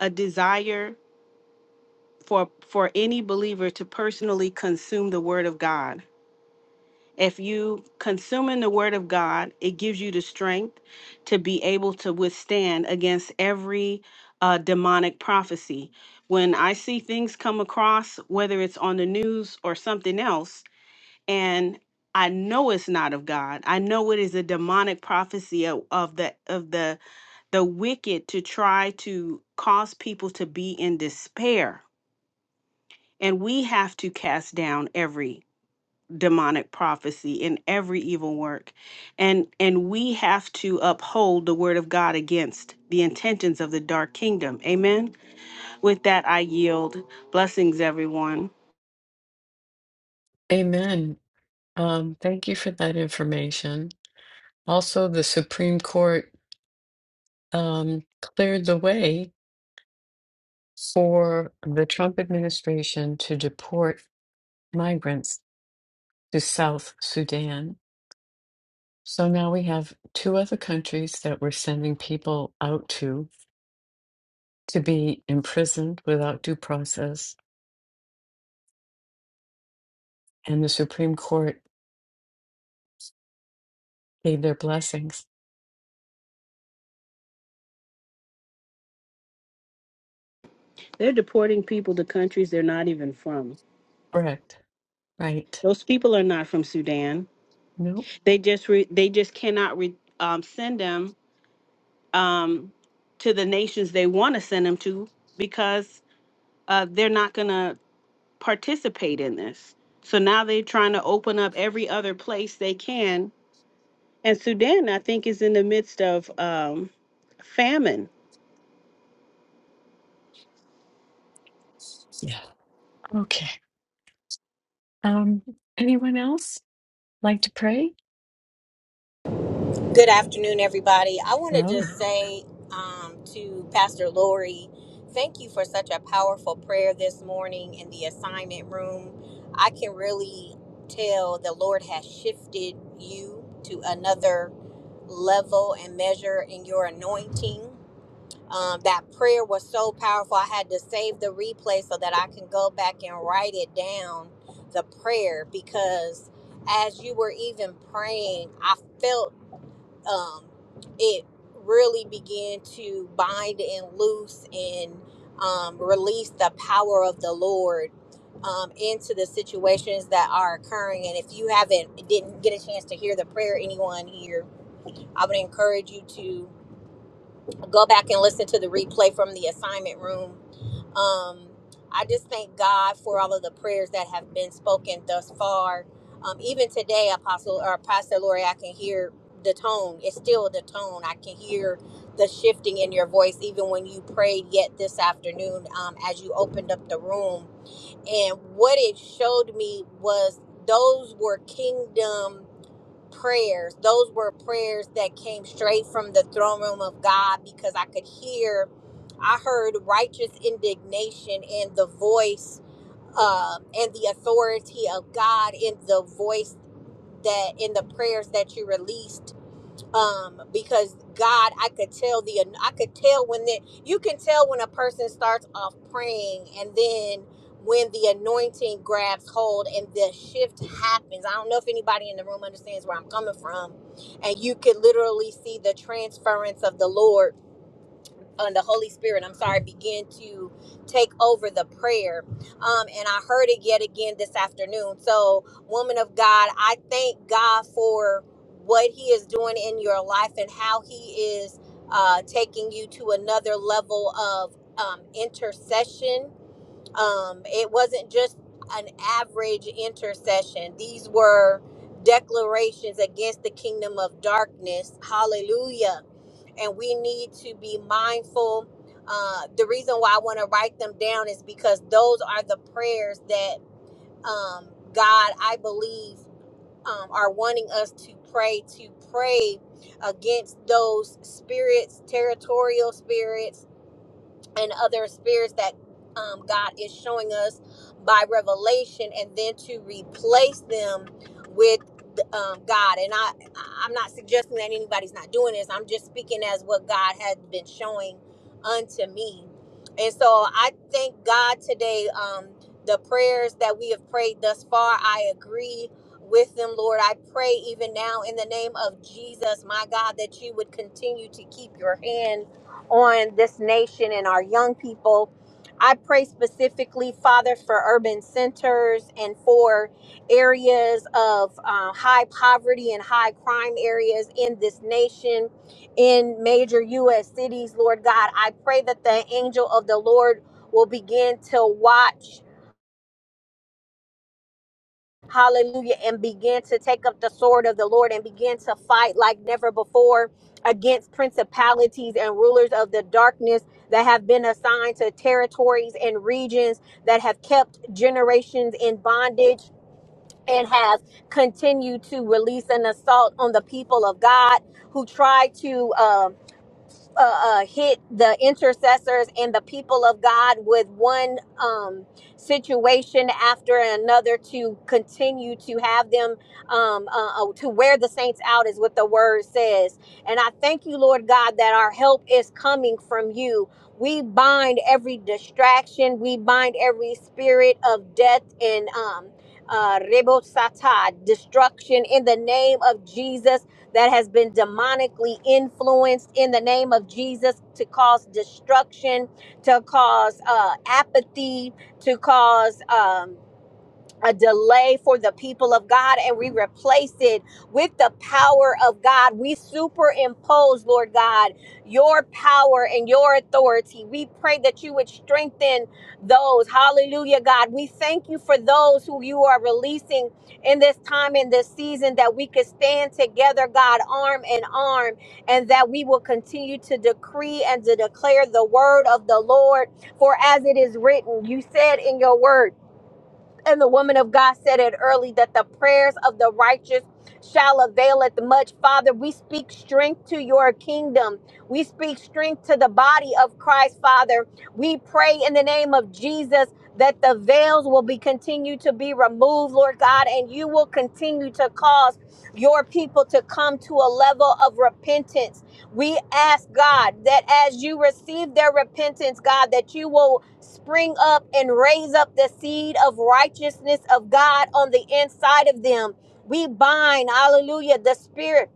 S3: a desire for for any believer to personally consume the word of God. If you consuming the word of God, it gives you the strength to be able to withstand against every uh, demonic prophecy. When I see things come across, whether it's on the news or something else, and I know it's not of God. I know it is a demonic prophecy of, of the of the the wicked to try to cause people to be in despair and we have to cast down every demonic prophecy and every evil work. And and we have to uphold the word of God against the intentions of the dark kingdom. Amen. With that I yield. Blessings everyone.
S1: Amen. Um, thank you for that information. Also, the Supreme Court um, cleared the way for the Trump administration to deport migrants to South Sudan. So now we have two other countries that we're sending people out to to be imprisoned without due process, and the Supreme Court gave their blessings.
S3: They're deporting people to countries they're not even from.
S1: Correct. Right.
S3: Those people are not from Sudan.
S1: Nope.
S3: They just re, they just cannot re, um, send them um, to the nations they want to send them to because uh, they're not gonna participate in this. So now they're trying to open up every other place they can. And Sudan, I think, is in the midst of um, famine.
S1: Yeah. Okay. Um, anyone else like to pray?
S4: Good afternoon, everybody. I want to
S1: Hello.
S4: just say um, to Pastor Lori, thank you for such a powerful prayer this morning in the assignment room. I can really tell the Lord has shifted you to another level and measure in your anointing. Um, that prayer was so powerful. I had to save the replay so that I can go back and write it down, the prayer, because as you were even praying, I felt um, it really began to bind and loose and um, release the power of the Lord um, into the situations that are occurring. And if you haven't didn't get a chance to hear the prayer, anyone here, I would encourage you to go back and listen to the replay from the assignment room. Um, I just thank God for all of the prayers that have been spoken thus far. Um, even today, Apostle or Pastor Lori, I can hear the tone. It's still the tone. I can hear the shifting in your voice, even when you prayed yet this afternoon um, as you opened up the room. And what it showed me was those were kingdom prayers. Those were prayers that came straight from the throne room of God because I could hear, I heard righteous indignation and the voice um, and the authority of God in the voice that in the prayers that you released um because god i could tell the i could tell when that you can tell when a person starts off praying and then when the anointing grabs hold and the shift happens i don't know if anybody in the room understands where i'm coming from and you could literally see the transference of the lord and the Holy Spirit, I'm sorry, begin to take over the prayer. Um, and I heard it yet again this afternoon. So, woman of God, I thank God for what He is doing in your life and how He is uh, taking you to another level of um, intercession um, it wasn't just an average intercession. These were declarations against the kingdom of darkness. Hallelujah. And we need to be mindful. Uh, the reason why I want to write them down is because those are the prayers that um, God, I believe, um, are wanting us to pray, to pray against those spirits, territorial spirits and other spirits that um, God is showing us by revelation, and then to replace them with um, God. And I, I- am not suggesting that anybody's not doing this. I'm just speaking as what God has been showing unto me. And so I thank God today. Um, the prayers that we have prayed thus far, I agree with them, Lord. I pray even now in the name of Jesus, my God, that you would continue to keep your hand on this nation and our young people. I pray specifically, Father, for urban centers and for areas of uh, high poverty and high crime areas in this nation, in major U.S. cities, Lord God. I pray that the angel of the Lord will begin to watch hallelujah, and begin to take up the sword of the Lord and begin to fight like never before against principalities and rulers of the darkness that have been assigned to territories and regions that have kept generations in bondage and have continued to release an assault on the people of God who try to. um uh, uh, hit the intercessors and the people of God with one um, situation after another to continue to have them um, uh, uh, to wear the saints out, is what the word says. And I thank you, Lord God, that our help is coming from you. We bind every distraction, we bind every spirit of death and um, uh, rebosata, destruction in the name of Jesus that has been demonically influenced in the name of Jesus to cause destruction, to cause uh, apathy, to cause. Um, a delay for the people of God and we replace it with the power of God. We superimpose, Lord God, your power and your authority. We pray that you would strengthen those. Hallelujah, God. We thank you for those who you are releasing in this time, in this season, that we could stand together, God, arm in arm, and that we will continue to decree and to declare the word of the Lord. For as it is written, you said in your word, and the woman of God said it early that the prayers of the righteous shall availeth much. Father, we speak strength to your kingdom. We speak strength to the body of Christ, Father. We pray in the name of Jesus that the veils will be continued to be removed, Lord God, and you will continue to cause your people to come to a level of repentance we ask God that as you receive their repentance, God, that you will spring up and raise up the seed of righteousness of God on the inside of them. We bind, hallelujah, the spirit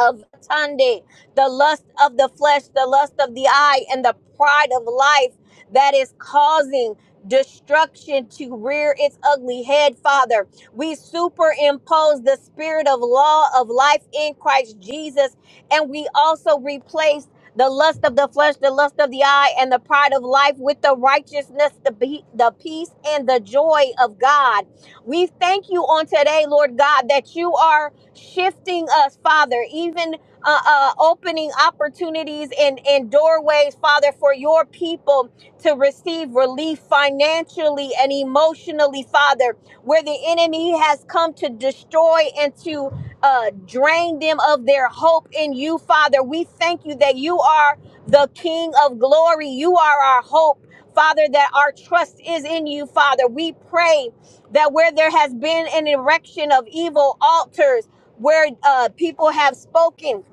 S4: of Tunde, the lust of the flesh, the lust of the eye, and the pride of life that is causing destruction to rear its ugly head, Father. We superimpose the spirit of law of life in Christ Jesus, and we also replace the lust of the flesh, the lust of the eye, and the pride of life with the righteousness, the, be- the peace, and the joy of God. We thank you on today, Lord God, that you are shifting us, Father, even uh, uh, opening opportunities and, and doorways, Father, for your people to receive relief financially and emotionally, Father, where the enemy has come to destroy and to uh, drain them of their hope in you, Father. We thank you that you are the King of glory, you are our hope. Father, that our trust is in you, Father. We pray that where there has been an erection of evil altars, where uh, people have spoken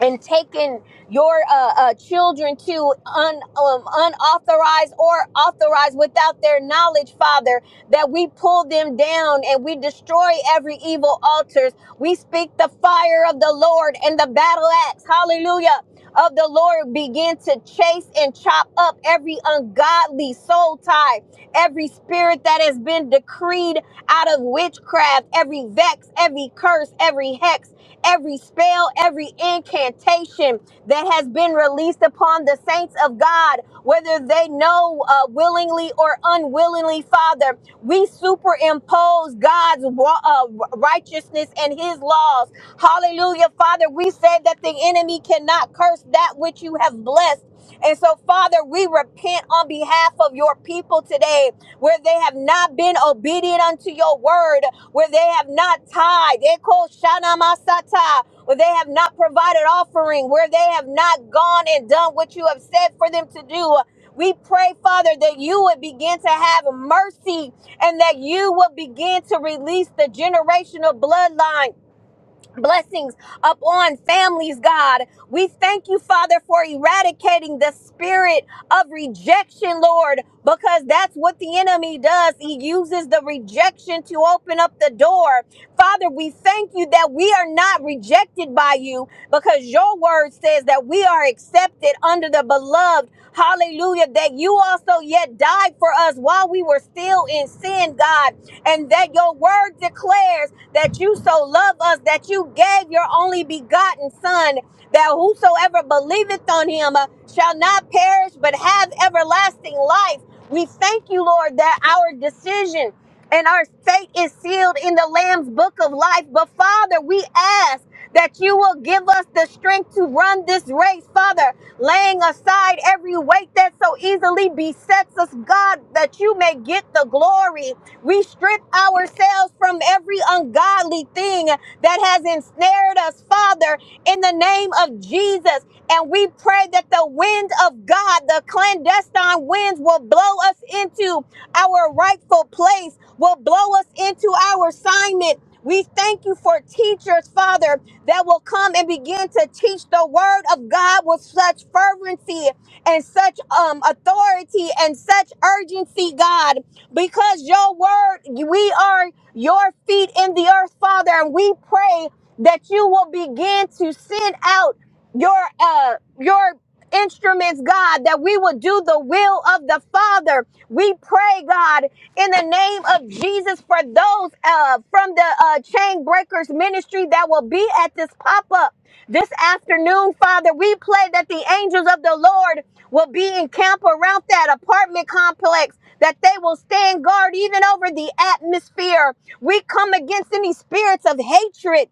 S4: and taking your uh, uh, children to un, um, unauthorized or authorized without their knowledge, Father, that we pull them down and we destroy every evil altars. We speak the fire of the Lord and the battle axe, hallelujah, of the Lord begin to chase and chop up every ungodly soul tie, every spirit that has been decreed out of witchcraft, every vex, every curse, every hex every spell, every incantation that has been released upon the saints of God, whether they know uh, willingly or unwillingly, Father. We superimpose God's wa- uh, righteousness and his laws. Hallelujah, Father. We said that the enemy cannot curse that which you have blessed. And so, Father, we repent on behalf of your people today where they have not been obedient unto your word where they have not tied, they call Shana Masata, where they have not provided offering, where they have not gone and done what you have said for them to do. We pray, Father, that you would begin to have mercy and that you would begin to release the generational bloodline blessings upon families, God. We thank you, Father, for eradicating the spirit of rejection, Lord, because that's what the enemy does. He uses the rejection to open up the door. Father, we thank you that we are not rejected by you because your word says that we are accepted under the beloved. Hallelujah, that you also yet died for us while we were still in sin, God, and that your word declares that you so love us that you gave your only begotten Son, that whosoever believeth on him uh, shall not perish but have everlasting life. We thank you, Lord, that our decision and our fate is sealed in the Lamb's book of life. But Father, we ask that you will give us the strength to run this race, Father, laying aside every weight that so easily besets us, God, that you may get the glory. We strip ourselves from every ungodly thing that has ensnared us, Father, in the name of Jesus. And we pray that the wind of God, the clandestine winds, will blow us into our rightful place, will blow us into our assignment. We thank you for teachers, Father, that will come and begin to teach the word of God with such fervency and such um, authority and such urgency, God because your word, we are your feet in the earth, Father, and we pray that you will begin to send out your uh your instruments, God, that we will do the will of the Father. We pray, God, in the name of Jesus for those uh, from the uh, Chain Breakers Ministry that will be at this pop up this afternoon, Father. We pray that the angels of the Lord will be in camp around that apartment complex. That they will stand guard even over the atmosphere. We come against any spirits of hatred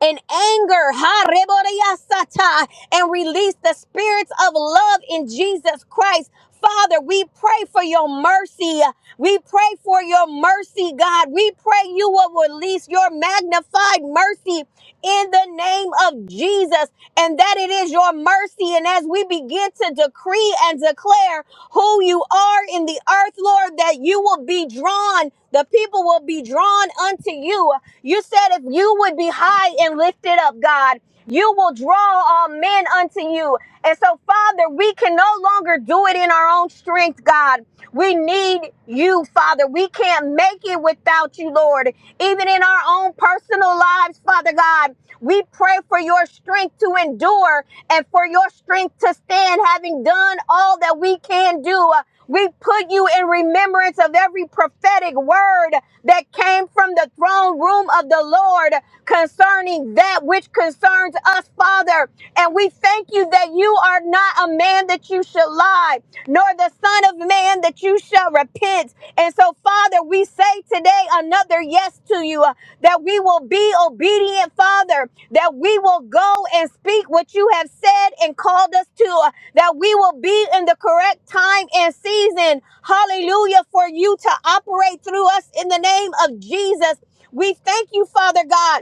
S4: and anger, ha, reboreyasata, and release the spirits of love in Jesus Christ. Father, we pray for your mercy. We pray for your mercy, God. We pray you will release your magnified mercy in the name of Jesus, and that it is your mercy. And as we begin to decree and declare who you are in the earth, Lord, that you will be drawn, the people will be drawn unto you. You said if you would be high and lifted up, God. You will draw all men unto you. And so, Father, we can no longer do it in our own strength, God. We need you, Father. We can't make it without you, Lord. Even in our own personal lives, Father God, we pray for your strength to endure and for your strength to stand, having done all that we can do. We put you in remembrance of every prophetic word that came from the throne room of the Lord concerning that which concerns us, Father. And we thank you that you are not a man that you shall lie, nor the Son of Man that you shall repent. And so, Father, we say say today another yes to you, uh, that we will be obedient, Father, that we will go and speak what you have said and called us to, uh, that we will be in the correct time and season. Hallelujah, for you to operate through us in the name of Jesus. We thank you, Father God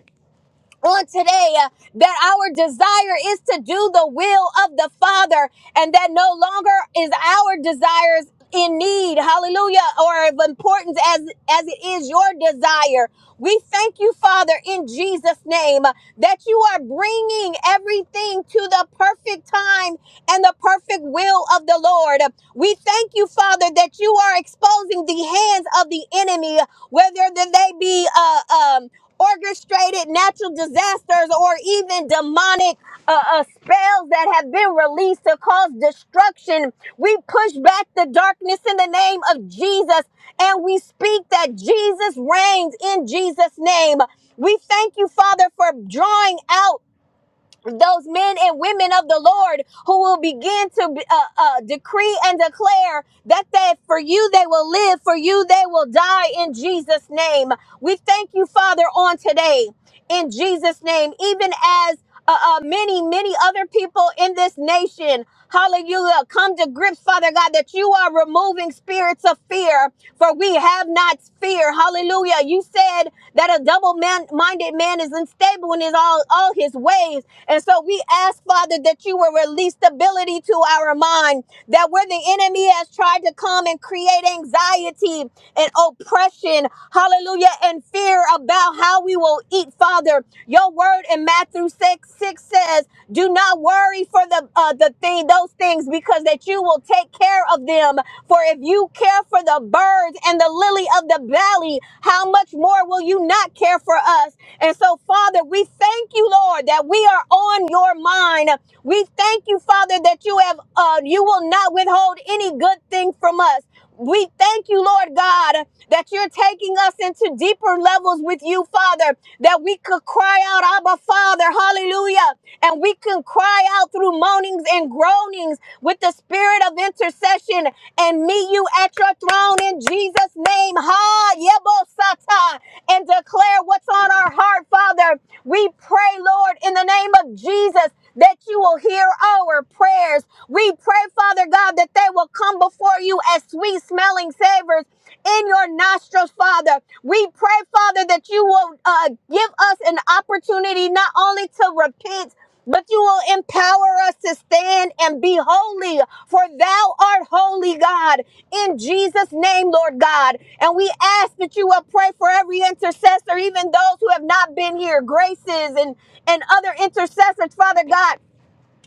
S4: on today uh, that our desire is to do the will of the Father and that no longer is our desires in need hallelujah or of importance as as it is your desire we thank you father in jesus name uh, that you are bringing everything to the perfect time and the perfect will of the lord we thank you father that you are exposing the hands of the enemy whether that they be uh, um orchestrated natural disasters or even demonic uh, uh, spells that have been released to cause destruction. We push back the darkness in the name of Jesus and we speak that Jesus reigns in Jesus' name. We thank you, Father, for drawing out those men and women of the Lord who will begin to uh, uh, decree and declare that that for you they will live, for you they will die in Jesus' name. We thank you, Father, on today in Jesus' name, even as uh, uh, many, many other people in this nation Hallelujah. Come to grips, Father God, that you are removing spirits of fear, for we have not fear. Hallelujah. You said that a double minded man is unstable in his all, all his ways. And so we ask, Father, that you will release stability to our mind, that where the enemy has tried to come and create anxiety and oppression, hallelujah, and fear about how we will eat, Father. Your word in Matthew 6 6 says, Do not worry for the uh, the thing, those things, because that you will take care of them. For if you care for the birds and the lily of the valley, how much more will you not care for us? And so, Father, we thank you, Lord, that we are on your mind. We thank you, Father, that you have uh, you will not withhold any good thing from us. We thank you, Lord God, that you're taking us into deeper levels with you, Father, that we could cry out, Abba, Father, hallelujah. And we can cry out through moanings and groanings with the spirit of intercession and meet you at your throne in Jesus' name. Ha, Yebosata, and declare what's on our heart, Father. We pray, Lord, in the name of Jesus, that you will hear our prayers. We pray pray, Father God, that they will come before you as sweet smelling savors in your nostrils, Father. We pray, Father, that you will uh, give us an opportunity not only to repent, but you will empower us to stand and be holy, for thou art holy, God, in Jesus' name, Lord God. And we ask that you will pray for every intercessor, even those who have not been here, graces and, and other intercessors, Father God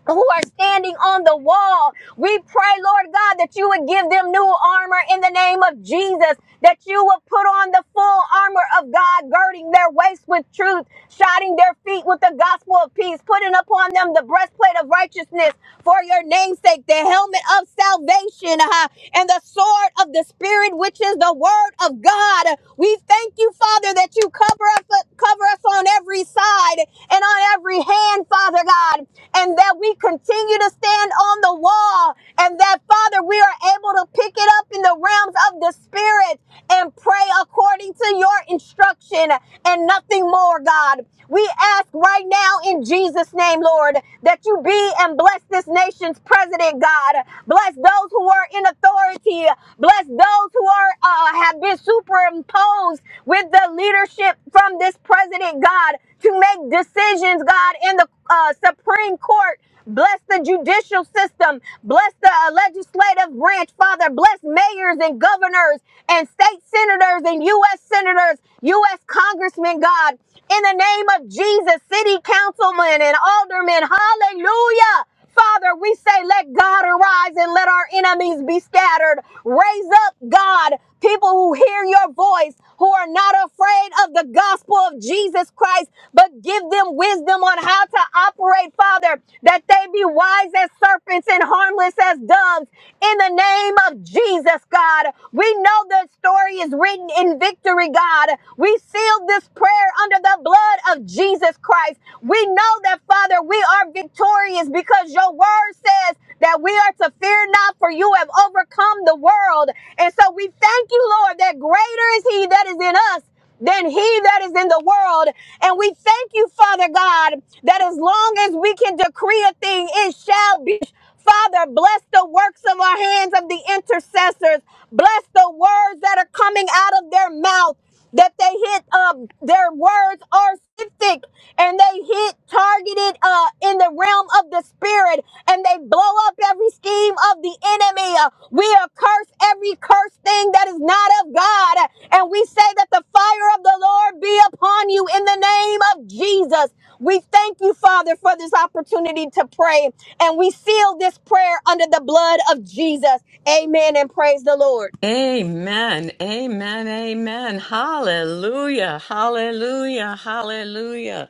S4: who are standing on the wall. We pray, Lord God, that you would give them new armor in the name of Jesus, that you would put on the full armor of God, girding their waist with truth, shodding their feet with the gospel of peace, putting upon them the breastplate of righteousness for your namesake, the helmet of salvation, uh, and the sword of the Spirit, which is the word of God. We thank you, Father, that you you cover us, cover us on every side and on every hand, Father God, and that we continue to stand on the wall, and that, Father, we are able to pick it up in the realms of the Spirit and pray according to your instruction and nothing more, God. We ask right now in Jesus' name, Lord, that you be and bless this nation's president, God. Bless those who are are in authority. Bless those who are uh, have been superimposed with the leadership from this president, God, to make decisions, God, in the uh, Supreme Court. Bless the judicial system. Bless the uh, legislative branch, Father. Bless mayors and governors and state senators and U.S. senators, U.S. congressmen, God. In the name of Jesus, city councilmen and aldermen, hallelujah. Father, we say, let God arise and let our enemies be scattered. Raise up, God, people who hear your voice, who are not afraid of the gospel of Jesus Christ, but give them wisdom on how to operate, Father, that they be wise as serpents and harmless as doves. In the name of Jesus, God, we know the story is written in victory, God. God. We seal this prayer under the blood of Jesus Christ. We know that, Father, we are victorious because your word says that we are to fear not, for you have overcome the world. And so we thank you, Lord, that greater is he that is in us than he that is in the world. And we thank you, Father God, that as long as we can decree a thing, it shall be. Father, bless the works of our hands of the intercessors. Bless the words that are coming out of their mouth, that they hit, um, their words are specific and they hit targeted uh, in the realm of the spirit and they blow up every scheme of the enemy uh, We are cursed every cursed thing that is not of God. And we say that the fire of the Lord be upon you in the name of Jesus. We thank you, Father, for this opportunity to pray. And we seal this prayer under the blood of Jesus. Amen. And praise the Lord.
S1: Amen. Amen. Amen. Hallelujah. Hallelujah. Hallelujah.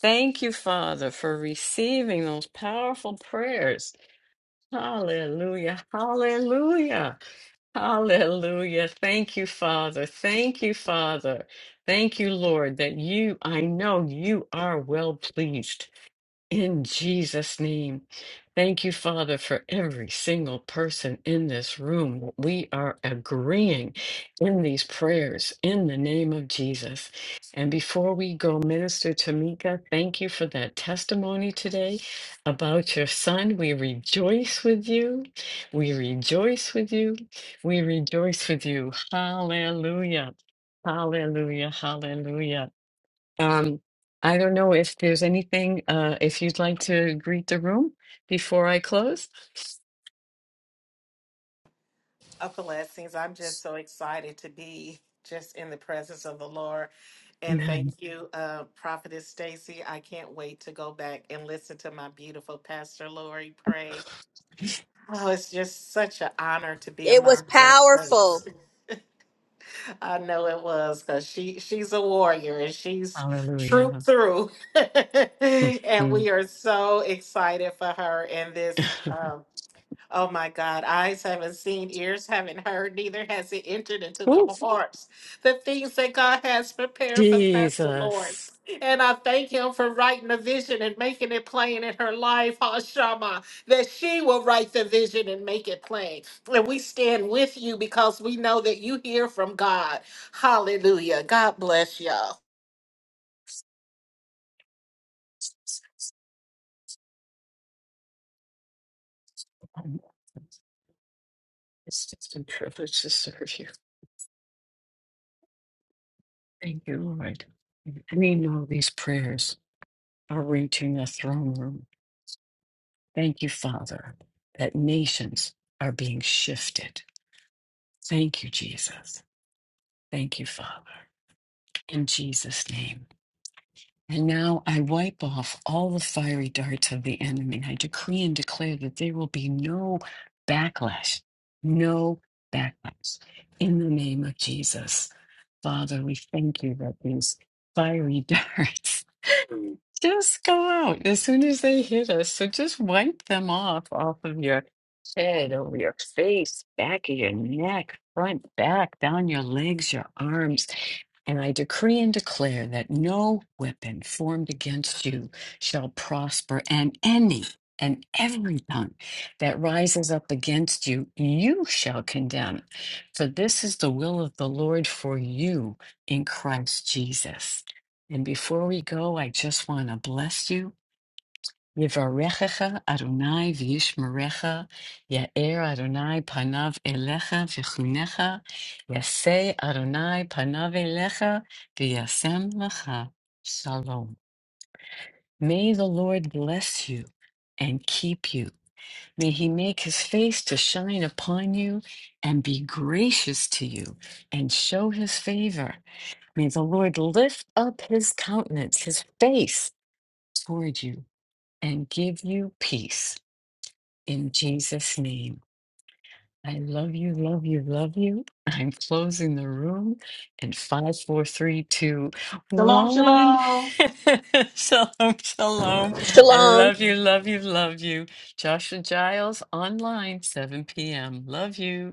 S1: Thank you, Father, for receiving those powerful prayers. Hallelujah. Hallelujah. Hallelujah. Thank you, Father. Thank you, Father. Thank you, Lord, that you, I know you are well pleased. In Jesus' name, thank you, Father, for every single person in this room. We are agreeing in these prayers in the name of Jesus. And before we go, Minister Tamika, thank you for that testimony today about your son. We rejoice with you. We rejoice with you. We rejoice with you. Hallelujah. Hallelujah. Hallelujah. Um, I don't know if there's anything, uh, if you'd like to greet the room before I close.
S5: Uh, blessings. I'm just so excited to be just in the presence of the Lord. And thank
S1: Amen.
S5: you, uh, Prophetess Stacy. I can't wait to go back and listen to my beautiful Pastor Lori pray. Oh, it's just such an honor to be
S4: It was
S5: among the
S4: powerful.
S5: saints. I know it was because she she's a warrior and she's trooped
S1: Hallelujah.
S5: through. <laughs> and
S1: Mhm.
S5: we are so excited for her in this.
S1: <laughs>
S5: um, Oh my God, eyes haven't seen, ears haven't heard, neither has it entered into the
S1: Woo.
S5: hearts. The things that God has prepared for Pastor
S1: Jesus.
S5: Lawrence. And I thank Him for writing the vision and making it plain in her life, Hashama, that she will write the vision and make it plain. And we stand with you because we know that you hear from God. Hallelujah. God bless you
S1: It's just a privilege to serve you. Thank you, Lord. We know these prayers are reaching the throne room. Thank you, Father, that nations are being shifted. Thank you, Jesus. Thank you, Father. in Jesus' name. And now I wipe off all the fiery darts of the enemy. I decree and declare that there will be no backlash, no backlash in the name of Jesus. Father, we thank you that these fiery darts <laughs> just go out as soon as they hit us. So just wipe them off off of your head, over your face, back of your neck, front, back, down your legs, your arms. And I decree and declare that no weapon formed against you shall prosper, and any and every tongue that rises up against you, you shall condemn. For this is the will of the Lord for you in Christ Jesus. And before we go, I just want to bless you Yivarechecha Adonai v'yishmerecha, Ya'er Adonai panav elecha v'chunecha, Yaseh Adonai panav elecha v'yasem lecha. Shalom. May the Lord bless you and keep you. May he make his face to shine upon you and be gracious to you and show his favor. May the Lord lift up his countenance, his face toward you and give you peace. in Jesus' name. I love you, love you, love you. <laughs> I'm closing the room in five, four, three, two,
S3: Shalom,
S1: one.
S3: shalom.
S1: <laughs> shalom, shalom. I
S4: Shalom.
S1: love you, love you, love you. Joshua Giles online, 7 p.m. Love you.